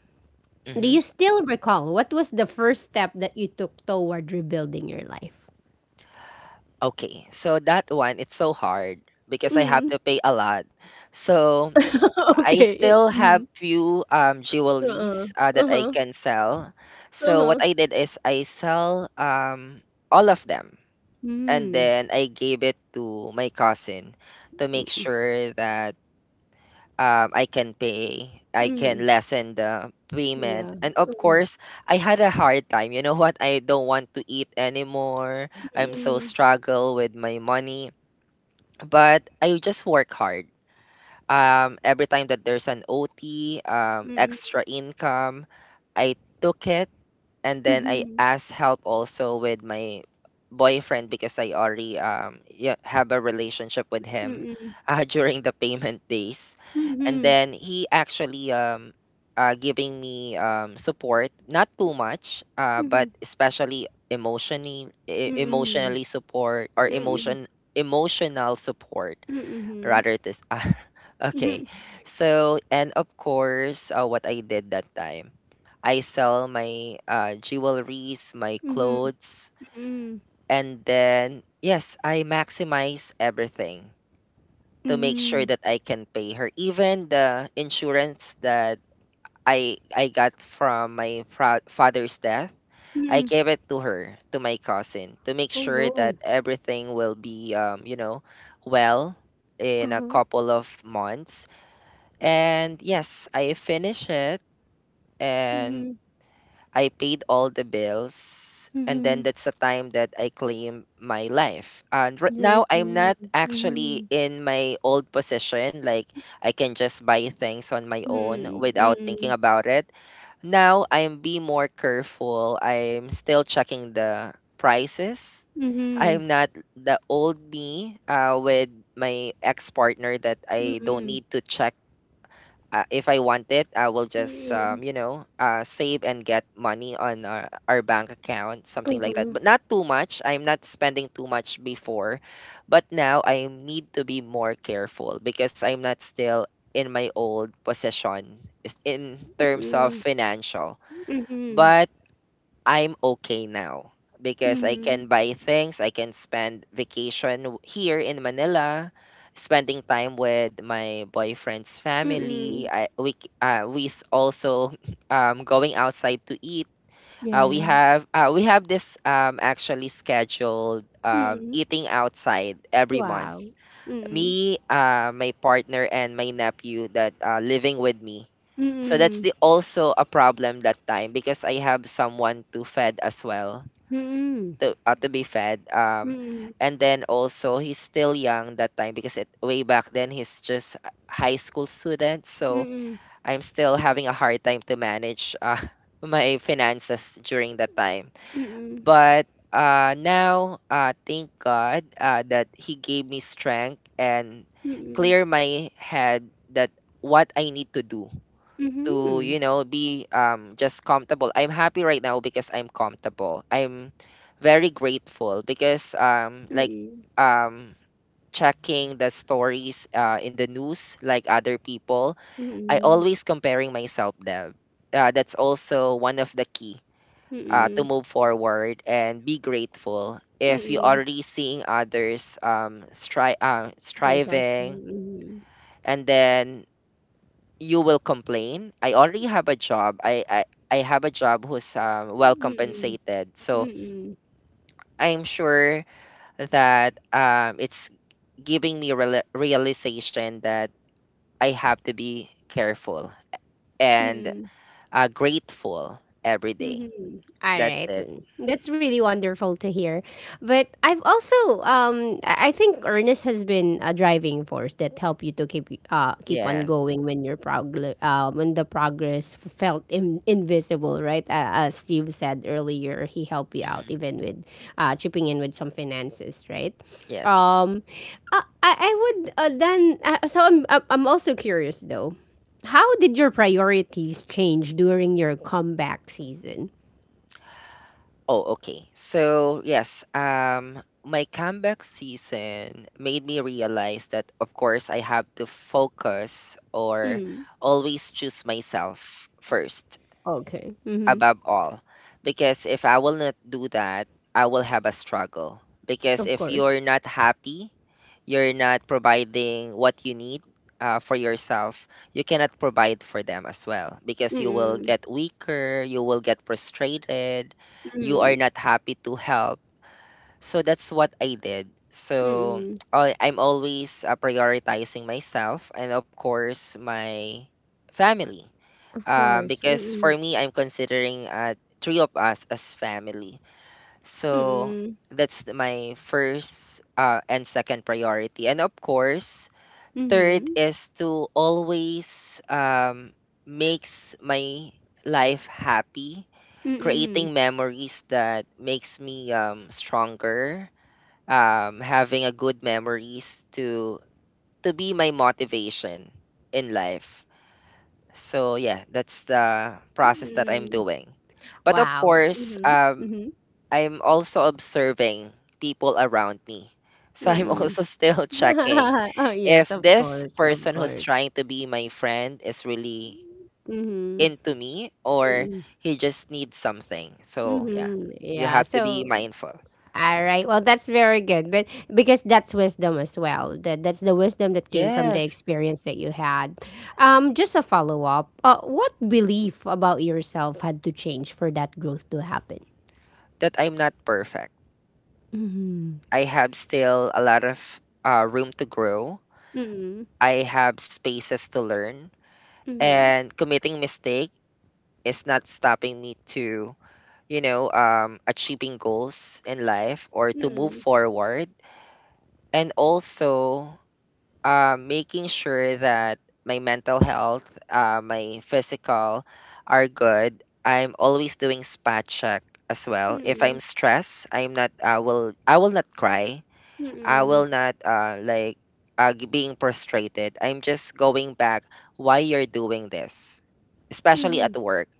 Speaker 1: Do
Speaker 2: Hmm.
Speaker 1: you still recall what was the first step that you took toward rebuilding your life?
Speaker 2: Okay. So that one, it's so hard because I have to pay a lot. So I
Speaker 1: Okay, it
Speaker 2: still have
Speaker 1: mhm,
Speaker 2: few um jewelries uh, that I
Speaker 1: uh-huh,
Speaker 2: can sell. So what
Speaker 1: uh-huh.
Speaker 2: I did is I sell um all of them and
Speaker 1: Mm,
Speaker 2: then I gave it to my cousin to make
Speaker 1: mm,
Speaker 2: sure that um, I can pay, I can
Speaker 1: mm.
Speaker 2: lessen the payment.
Speaker 1: Yeah.
Speaker 2: And of course, I had a hard time. You know what? I don't want to eat anymore. I'm so
Speaker 1: Mm,
Speaker 2: struggle with my money, but I just work hard. Um, every time that there's an O T, um,
Speaker 1: mm,
Speaker 2: extra income, I took it and then I
Speaker 1: mhm,
Speaker 2: asked help also with my boyfriend because I already um yeah, have a relationship with him
Speaker 1: mm,
Speaker 2: uh, during the payment days,
Speaker 1: mhm,
Speaker 2: and
Speaker 1: mhm,
Speaker 2: then he actually um uh, giving me um support, not too much, uh, but
Speaker 1: mm,
Speaker 2: especially emotionally e-
Speaker 1: mm,
Speaker 2: emotionally support or
Speaker 1: mhm,
Speaker 2: emotion emotional support
Speaker 1: mhm,
Speaker 2: rather this. Okay, so and of course uh, what I did that time, I sell my uh, jewelries, my
Speaker 1: mhm,
Speaker 2: clothes,
Speaker 1: mhm,
Speaker 2: and then yes, I maximize everything to make sure
Speaker 1: mhm,
Speaker 2: that I can pay her. Even the insurance that I I got from my fra- father's death, I
Speaker 1: mhm.
Speaker 2: gave it to her, to my cousin, to make
Speaker 1: Oh,
Speaker 2: sure that
Speaker 1: no.
Speaker 2: everything will be, um, you know, well, in a
Speaker 1: Uh-huh.
Speaker 2: couple of months. And yes, I finish it and
Speaker 1: Mhm,
Speaker 2: I paid all the bills, and then
Speaker 1: mhm.
Speaker 2: that's the time that I claim my life. And right
Speaker 1: You're right.
Speaker 2: now, I'm
Speaker 1: Mhm,
Speaker 2: not actually
Speaker 1: mhm,
Speaker 2: in my old position, like I can just buy things on my own without thinking
Speaker 1: mhm,
Speaker 2: about it. Now, I'm be more careful. I'm still checking the prices.
Speaker 1: mhm, mhm,
Speaker 2: I'm not the old me uh, with my ex partner that I don't
Speaker 1: mhm,
Speaker 2: need to check, uh, if I want it, I will just
Speaker 1: mhm.
Speaker 2: um, you know, uh, save and get money on our, our bank account, something like that.
Speaker 1: Uh-huh.
Speaker 2: But not too much. I'm not spending too much before, but now I need to be more careful because I'm not still in my old possession is- in terms of
Speaker 1: Mhm,
Speaker 2: financial.
Speaker 1: mhm,
Speaker 2: But I'm okay now because I
Speaker 1: mhm,
Speaker 2: can buy things, I can spend vacation w- here in Manila, spending time with my boyfriend's family.
Speaker 1: mhm.
Speaker 2: I we c- uh, we s- also um going outside to eat. Uh, we
Speaker 1: Yes.
Speaker 2: have uh, we have this um actually scheduled um
Speaker 1: Mm.
Speaker 2: eating outside every month.
Speaker 1: Wow. Mm.
Speaker 2: Me, uh, my partner and my nephew that uh, living with me. So that's
Speaker 1: Mm.
Speaker 2: the also a problem that time because I have someone to fed as well
Speaker 1: Mm.
Speaker 2: to uh, to be fed. Um,
Speaker 1: Mm.
Speaker 2: and then also he's still young that time because it, way back then he's just a high school student. So
Speaker 1: Mm.
Speaker 2: I'm still having a hard time to manage uh, my finances during that time.
Speaker 1: Mm.
Speaker 2: But uh, now, uh, thank God uh, that he gave me strength and
Speaker 1: Mm.
Speaker 2: clear my head that what I need to do to,
Speaker 1: Mhm.
Speaker 2: you know, be um just comfortable. I'm happy right now because I'm comfortable, I'm very grateful because um like
Speaker 1: Mm.
Speaker 2: um checking the stories uh, in the news like other people, I
Speaker 1: Mm.
Speaker 2: always comparing myself them, uh, that's also one of the key uh, to
Speaker 1: Mm.
Speaker 2: move forward and be grateful if you
Speaker 1: Mm.
Speaker 2: already seeing others um stri- uh,
Speaker 1: Those are
Speaker 2: striving
Speaker 1: true.
Speaker 2: and then you will complain. I already have a job. I I I have a job who's um, well
Speaker 1: Mhm.
Speaker 2: compensated.
Speaker 1: Mm.
Speaker 2: So
Speaker 1: Mm.
Speaker 2: I'm sure that um, it's giving me real- realization that I have to be careful and
Speaker 1: Mm.
Speaker 2: uh, grateful every day.
Speaker 1: Mm-hmm. All
Speaker 2: That's
Speaker 1: right.
Speaker 2: it.
Speaker 1: Mm. That's really wonderful to hear. But I've also um I I think Ernest has been a driving force that helped you to keep uh keep on
Speaker 2: Yes.
Speaker 1: going when your prog- uh, when the progress f- felt in- invisible, right? Uh, as Steve said earlier, he helped you out
Speaker 2: Mhm.
Speaker 1: even with uh chipping in with some finances, right?
Speaker 2: Yes.
Speaker 1: Um I I I would, uh, then, uh, so I'm I'm I'm also curious though. How did your priorities change during your comeback season?
Speaker 2: Oh, okay. So, yes, um, my comeback season made me realize that, of course, I have to focus or
Speaker 1: Mm.
Speaker 2: always choose myself first,
Speaker 1: Okay. Mhm.
Speaker 2: above all. Because if I will not do that, I will have a struggle. Because
Speaker 1: Of
Speaker 2: if
Speaker 1: course.
Speaker 2: you're not happy you're not providing what you need uh, for yourself, you cannot provide for them as well because you will
Speaker 1: Mm.
Speaker 2: get weaker, you will get frustrated, you are
Speaker 1: Mm.
Speaker 2: not happy to help. So that's what I did. So
Speaker 1: Mm.
Speaker 2: I- I'm always uh, prioritizing myself and, of course, my family.
Speaker 1: Of
Speaker 2: Uh,
Speaker 1: course.
Speaker 2: because for
Speaker 1: Mm-mm.
Speaker 2: me, I'm considering uh, three of us as family. So
Speaker 1: Mm.
Speaker 2: that's the- my first uh, and second priority. And of course, third
Speaker 1: Mhm.
Speaker 2: is to always um, makes my life happy,
Speaker 1: Mm.
Speaker 2: creating memories that makes me um, stronger, um, having a good memories to to be my motivation in life. So yeah, that's the process that I'm
Speaker 1: Mm.
Speaker 2: doing. But of
Speaker 1: Wow.
Speaker 2: course,
Speaker 1: Mhm.
Speaker 2: um,
Speaker 1: Mhm.
Speaker 2: I'm also observing people around me. So I'm
Speaker 1: Mm.
Speaker 2: also still checking
Speaker 1: Oh, yes,
Speaker 2: if
Speaker 1: of
Speaker 2: this
Speaker 1: course, of
Speaker 2: person who's
Speaker 1: course.
Speaker 2: trying to be my friend is really
Speaker 1: Mm-hmm.
Speaker 2: into me or
Speaker 1: Mm-hmm.
Speaker 2: he just needs something. So yeah,
Speaker 1: Mm-hmm.
Speaker 2: you
Speaker 1: Yeah.
Speaker 2: have to be
Speaker 1: So
Speaker 2: mindful.
Speaker 1: all right. Well, that's very good. But because that's wisdom as well. That that's the wisdom that came from the
Speaker 2: Yes,
Speaker 1: experience that you had. Um, just a follow up. Uh, what belief about yourself had to change for that growth to happen?
Speaker 2: that I'm not perfect. I have still a lot of uh, room to grow.
Speaker 1: Mm-mm,
Speaker 2: I have spaces to learn,
Speaker 1: mm-mm,
Speaker 2: and committing mistake is not stopping me to, you know, um, achieving goals in life or to move
Speaker 1: mm-mm,
Speaker 2: forward. And also uh, making sure that my mental health, uh, my physical are good. I'm always doing spot check as well.
Speaker 1: mm-mm, mm-mm, mm-mm, mm-mm, mm-mm,
Speaker 2: If
Speaker 1: mm-mm,
Speaker 2: I'm
Speaker 1: mm-mm,
Speaker 2: stressed, I'm not, I will, I will not cry, I will not uh like uh g- being frustrated. I'm just going back why you're doing this, especially at work.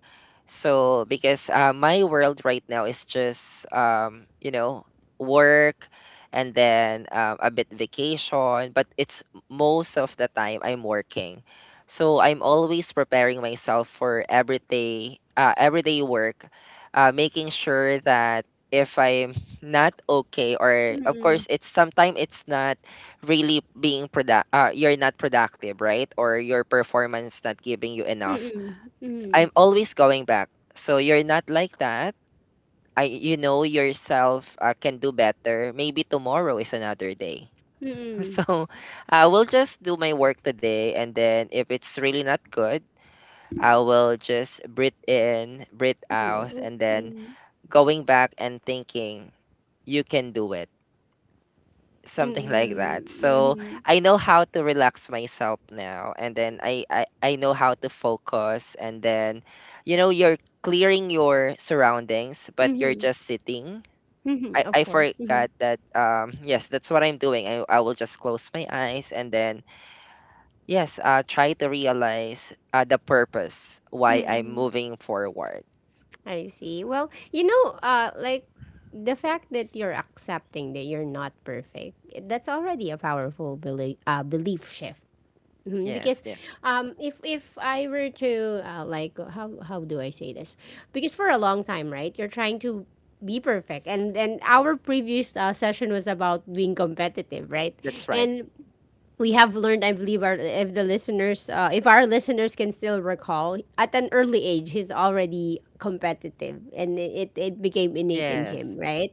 Speaker 2: So because uh, my world right now is just um you know work and then um, a bit vacation, but it's most of the time I'm working. So I'm always preparing myself for everyday uh, everyday work, uh, making sure that if I'm not okay or of course it's sometimes it's not really being product uh, you're not productive, right? Or your performance not giving you enough, I'm always going back, so you're not like that. I, you know yourself, uh, can do better, maybe tomorrow is another day.
Speaker 1: mm-mm,
Speaker 2: So I will just do my work today and then if it's really not good I will just breathe in breathe out and then going back and thinking you can do it, something like that. So
Speaker 1: mm-mm,
Speaker 2: I know how to relax myself now and then I, I I know how to focus and then you know you're clearing your surroundings but you're
Speaker 1: mm-mm,
Speaker 2: just sitting.
Speaker 1: mm-mm,
Speaker 2: I,
Speaker 1: of
Speaker 2: I
Speaker 1: course. Mm-hmm.
Speaker 2: forgot that um yes that's what I'm doing. I, I will just close my eyes and then yes uh try to realize uh, the purpose why I'm
Speaker 1: Mm-mm.
Speaker 2: moving forward.
Speaker 1: I see. Well, you know, uh, like the fact that you're accepting that you're not perfect, that's already a powerful belief, uh, belief shift. Mhm.
Speaker 2: Yes,
Speaker 1: Because
Speaker 2: yes.
Speaker 1: um, if if I were to uh, like how how do I say this? Because for a long time, right, you're trying to be perfect, and and our previous uh, session was about being competitive, right?
Speaker 2: That's right.
Speaker 1: And we have learned, I believe, our, if the listeners, uh, if our listeners can still recall, at an early age, he's already competitive, and it, it became innate in him,
Speaker 2: Yes.
Speaker 1: right?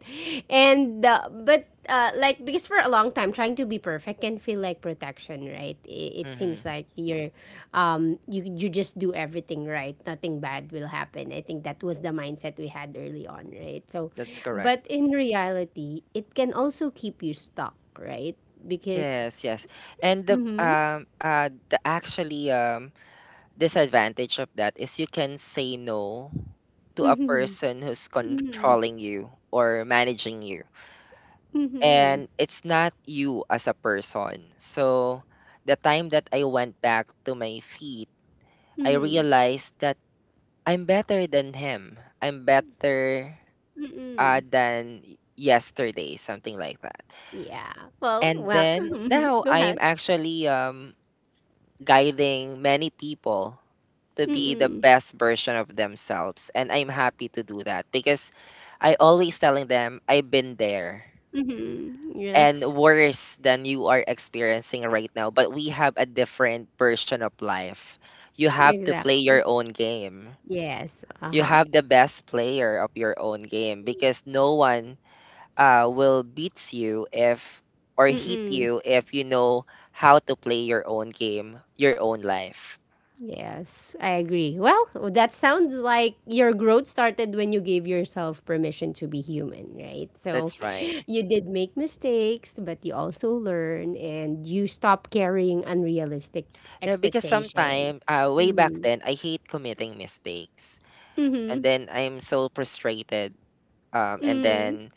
Speaker 1: And uh, but uh, like because for a long time, trying to be perfect can feel like protection, right? It, it
Speaker 2: Mm-hmm.
Speaker 1: seems like you're, um, you you just do everything right, nothing bad will happen. I think that was the mindset we had early on, right? So,
Speaker 2: That's correct.
Speaker 1: but in reality, it can also keep you stuck, right? Because
Speaker 2: Yes, yes. And the um uh the actually um disadvantage of that is you can say no to a
Speaker 1: mhm.
Speaker 2: person who's
Speaker 1: Mhm.
Speaker 2: controlling you or managing you.
Speaker 1: Mhm.
Speaker 2: And it's not you as a person. So the time that I went back to my feet, I
Speaker 1: Hmm.
Speaker 2: realized that I'm better than him. I'm better uh, than y- yesterday, something like that.
Speaker 1: Yeah. Well,
Speaker 2: And
Speaker 1: well
Speaker 2: then
Speaker 1: mhm.
Speaker 2: now
Speaker 1: Go
Speaker 2: I'm
Speaker 1: ahead.
Speaker 2: actually um guiding many people to be the
Speaker 1: Hmm.
Speaker 2: best version of themselves. And I'm happy to do that because I always telling them I've been there
Speaker 1: Mhm.
Speaker 2: and
Speaker 1: Yes.
Speaker 2: worse than you are experiencing right now, but we have a different version of life. You have to play
Speaker 1: Exactly.
Speaker 2: your own game.
Speaker 1: Yes.
Speaker 2: You
Speaker 1: Uh-huh.
Speaker 2: have the best player of your own game because no one uh, will beats you if or hit
Speaker 1: Mm-mm.
Speaker 2: you if you know how to play your own game, your own life.
Speaker 1: Yes. I agree. Well, that sounds like your growth started when you gave yourself permission to be human, right? So
Speaker 2: That's right.
Speaker 1: you did make mistakes, but you also learn and you stop carrying unrealistic
Speaker 2: Yeah, because
Speaker 1: expectations.
Speaker 2: sometime, uh, way back
Speaker 1: Mm-hmm.
Speaker 2: then, I hate committing mistakes. And
Speaker 1: Mm-hmm.
Speaker 2: then I'm so frustrated. Um, and then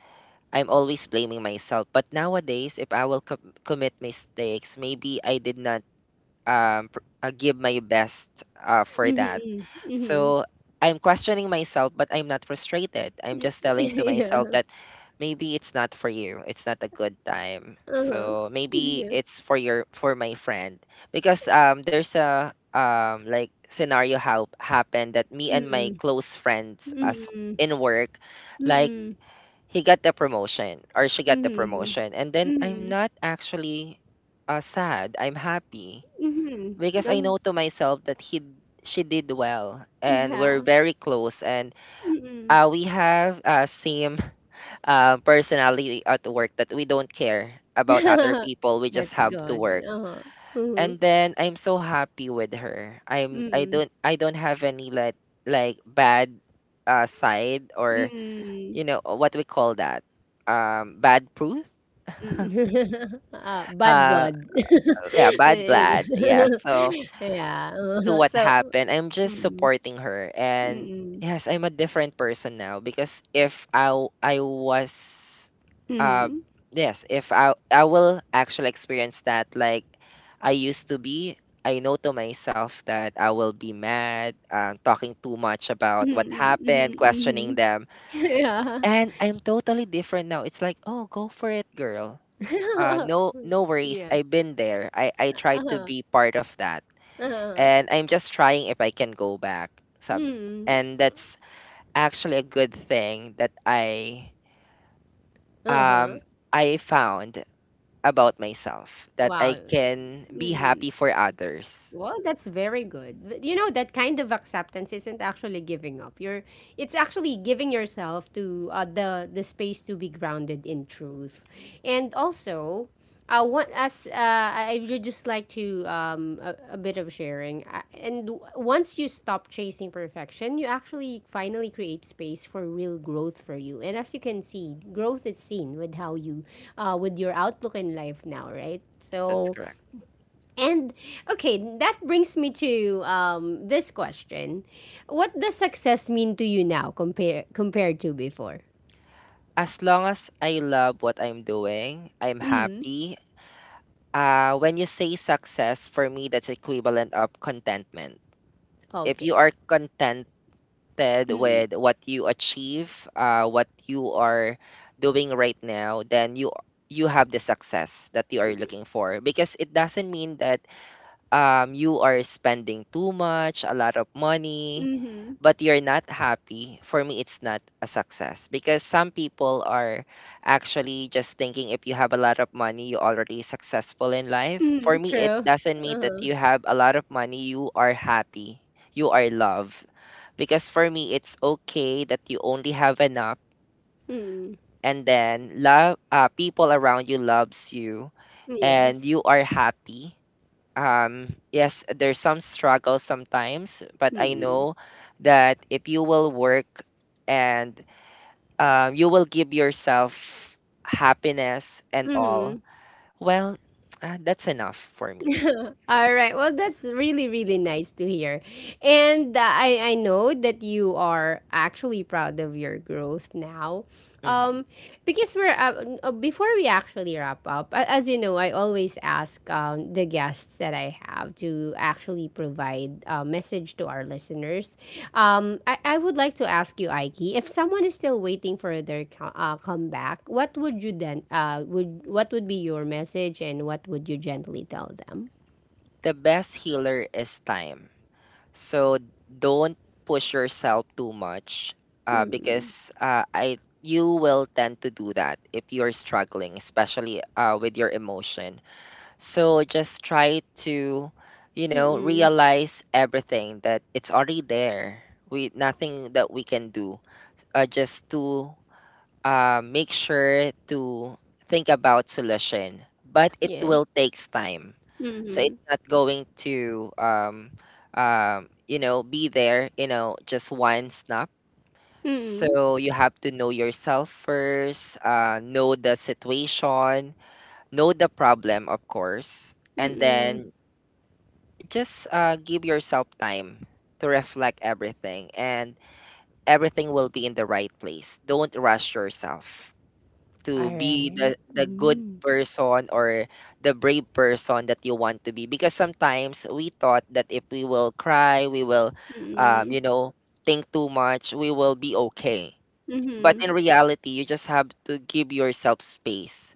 Speaker 2: I'm always blaming myself. But nowadays, if I will com- commit mistakes, maybe I did not um, pr- uh, give my best uh, for that.
Speaker 1: Mhm, mhm.
Speaker 2: So I'm questioning myself, but I'm not frustrated. I'm
Speaker 1: Mm,
Speaker 2: just telling to myself
Speaker 1: yeah,
Speaker 2: that maybe it's not for you. It's not a good time.
Speaker 1: uh-huh.
Speaker 2: So maybe
Speaker 1: Yeah,
Speaker 2: it's for your for my friend because um there's a um like scenario how happened that me and
Speaker 1: mm,
Speaker 2: my close friends as
Speaker 1: mm,
Speaker 2: in work like
Speaker 1: mm,
Speaker 2: he got the promotion or she got the
Speaker 1: mhm,
Speaker 2: promotion and then I'm
Speaker 1: mhm,
Speaker 2: not actually uh, sad. I'm happy
Speaker 1: mhm,
Speaker 2: because I
Speaker 1: and
Speaker 2: know to myself that he she did well and we're
Speaker 1: yeah,
Speaker 2: very close and
Speaker 1: mm.
Speaker 2: uh, we have uh, same uh, personality at work that we don't care about other people, we just
Speaker 1: That's
Speaker 2: have to
Speaker 1: good,
Speaker 2: work.
Speaker 1: uh-huh, mhm,
Speaker 2: And then I'm so happy with her. I'm I
Speaker 1: mm,
Speaker 2: don't I don't have any let, like bad uh, side or,
Speaker 1: mm.
Speaker 2: you know what we call that, um bad proof,
Speaker 1: Ah, bad
Speaker 2: uh
Speaker 1: word.
Speaker 2: yeah, bad
Speaker 1: Eh,
Speaker 2: blood, yeah. So
Speaker 1: Yeah,
Speaker 2: to
Speaker 1: uh-huh.
Speaker 2: what
Speaker 1: So,
Speaker 2: happened, I'm just
Speaker 1: mm,
Speaker 2: supporting her. And
Speaker 1: mm,
Speaker 2: yes, I'm a different person now, because if I w- I was um
Speaker 1: mhm,
Speaker 2: yes, if I I will actually experience that, like I used to be, I know to myself that I will be mad, um, talking too much about what
Speaker 1: mhm,
Speaker 2: happened,
Speaker 1: mhm,
Speaker 2: questioning
Speaker 1: mhm.
Speaker 2: them.
Speaker 1: Yeah.
Speaker 2: And I'm totally different now. It's like, "Oh, go for it, girl." Uh, no, no worries.
Speaker 1: Yeah.
Speaker 2: I've been there. I I tried to
Speaker 1: Uh-huh.
Speaker 2: be part of that,
Speaker 1: Uh-huh.
Speaker 2: and I'm just trying if I can go back. Some,
Speaker 1: Mm.
Speaker 2: and that's actually a good thing that I
Speaker 1: Uh-huh.
Speaker 2: um I found about myself that I
Speaker 1: Wow.
Speaker 2: can be
Speaker 1: Mm.
Speaker 2: happy for others.
Speaker 1: Well, that's very good. Th- You know, that kind of acceptance isn't actually giving up. You're it's actually giving yourself to uh, the the space to be grounded in truth. And also, I want us uh, I I would just like to um a, a bit of sharing. Uh, And w- once you stop chasing perfection, you actually finally create space for real growth for you. And as you can see, growth is seen with how you uh with your outlook in life now, right?
Speaker 2: That's
Speaker 1: So
Speaker 2: correct.
Speaker 1: and okay, that brings me to um, this question. What does success mean to you now compare compared to before?
Speaker 2: As long as I love what I'm doing, I'm
Speaker 1: Mm.
Speaker 2: happy. Uh, when you say success, for me, that's equivalent of contentment. If you
Speaker 1: Okay.
Speaker 2: are content connected
Speaker 1: Mm.
Speaker 2: with what you achieve, uh, what you are doing right now, then you you have the success that you are looking for, because it doesn't mean that um, you are spending too much, a lot of money,
Speaker 1: Mm-hmm.
Speaker 2: but you're not happy. For me, it's not a success, because some people are actually just thinking if you have a lot of money, you're already successful in life. For
Speaker 1: Mm.
Speaker 2: me, it
Speaker 1: True.
Speaker 2: doesn't mean that
Speaker 1: Uh-huh.
Speaker 2: you have a lot of money, you are happy, you are loved, because for me it's okay that you only have enough,
Speaker 1: Mm.
Speaker 2: and then love, uh, people around you loves you and
Speaker 1: Yes.
Speaker 2: you are happy. um yes, there's some struggle sometimes, but I
Speaker 1: Mm.
Speaker 2: know that if you will work and, um, you will give yourself happiness and all,
Speaker 1: Mm.
Speaker 2: well, uh, that's enough for me.
Speaker 1: All right. Well, that's really really nice to hear. And uh, I I know that you are actually proud of your growth now.
Speaker 2: Mhm.
Speaker 1: Um because we're uh, uh, before we actually wrap up, a- as you know, I always ask um the guests that I have to actually provide a message to our listeners. Um, I, I would like to ask you, Aiki, if someone is still waiting for their co- uh, comeback, what would you then uh would what would be your message and what would you gently tell them?
Speaker 2: The best healer is time. So don't push yourself too much, uh,
Speaker 1: Mm.
Speaker 2: because uh, I you will tend to do that if you're struggling, especially uh, with your emotion. So just try to, you know,
Speaker 1: Mm.
Speaker 2: realize everything that it's already there. We nothing that we can do. Uh, just to uh, make sure to think about solution, but it
Speaker 1: Yes.
Speaker 2: will takes time. So
Speaker 1: Mm.
Speaker 2: it's not going to um, um, you know, be there, you know, just one snap.
Speaker 1: Mm.
Speaker 2: So you have to know yourself first, uh, know the situation, know the problem, of course, and
Speaker 1: Mm.
Speaker 2: then just uh, give yourself time to reflect everything, and everything will be in the right place. Don't rush yourself
Speaker 1: All
Speaker 2: to be
Speaker 1: right.
Speaker 2: the the good
Speaker 1: Mm.
Speaker 2: person or the brave person that you want to be, because sometimes we thought that if we will cry we will um,
Speaker 1: Mm.
Speaker 2: you know, think too much, we will be okay, but
Speaker 1: Mm.
Speaker 2: in reality you just have to give yourself space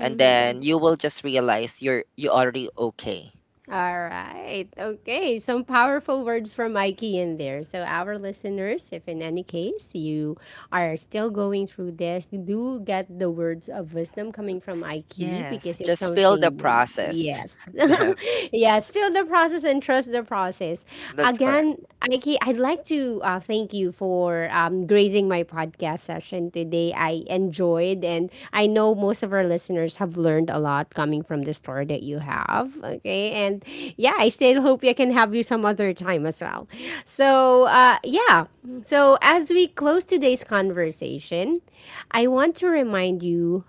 Speaker 2: and then you will just realize you're you already okay.
Speaker 1: All right. Okay. Some powerful words from Mikey in there. So, our listeners, if in any case you are still going through this, do get the words of wisdom coming from Mikey
Speaker 2: Yes,
Speaker 1: because it's
Speaker 2: just feel the
Speaker 1: something,
Speaker 2: process.
Speaker 1: yes.
Speaker 2: Deb,
Speaker 1: Yes. Feel the process and trust the process.
Speaker 2: that's correct.
Speaker 1: Again, Mikey, I'd like to uh, thank you for um, gracing my podcast session today. I enjoyed, and I know most of our listeners have learned a lot coming from the store that you have. Okay, and yeah, I still hope I can have you some other time as well. So uh, yeah, so as we close today's conversation, I want to remind you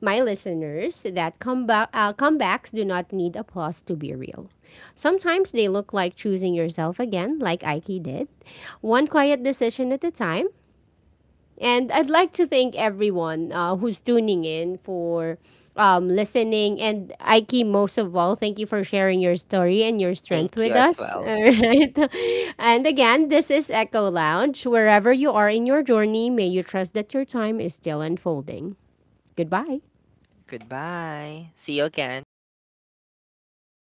Speaker 1: my listeners that comeba- uh, comebacks do not need applause to be real. Sometimes they look like choosing yourself again, like Ike did one quiet decision at a time. And I'd like to thank everyone uh, who's tuning in for um, listening. And Aiki, most of all, thank you for sharing your story and your
Speaker 2: Thank
Speaker 1: strength
Speaker 2: you
Speaker 1: with
Speaker 2: as
Speaker 1: us.
Speaker 2: well.
Speaker 1: All right. And again, this is Echo Lounge. Wherever you are in your journey, may you trust that your time is still unfolding. Goodbye.
Speaker 2: Goodbye, see you again.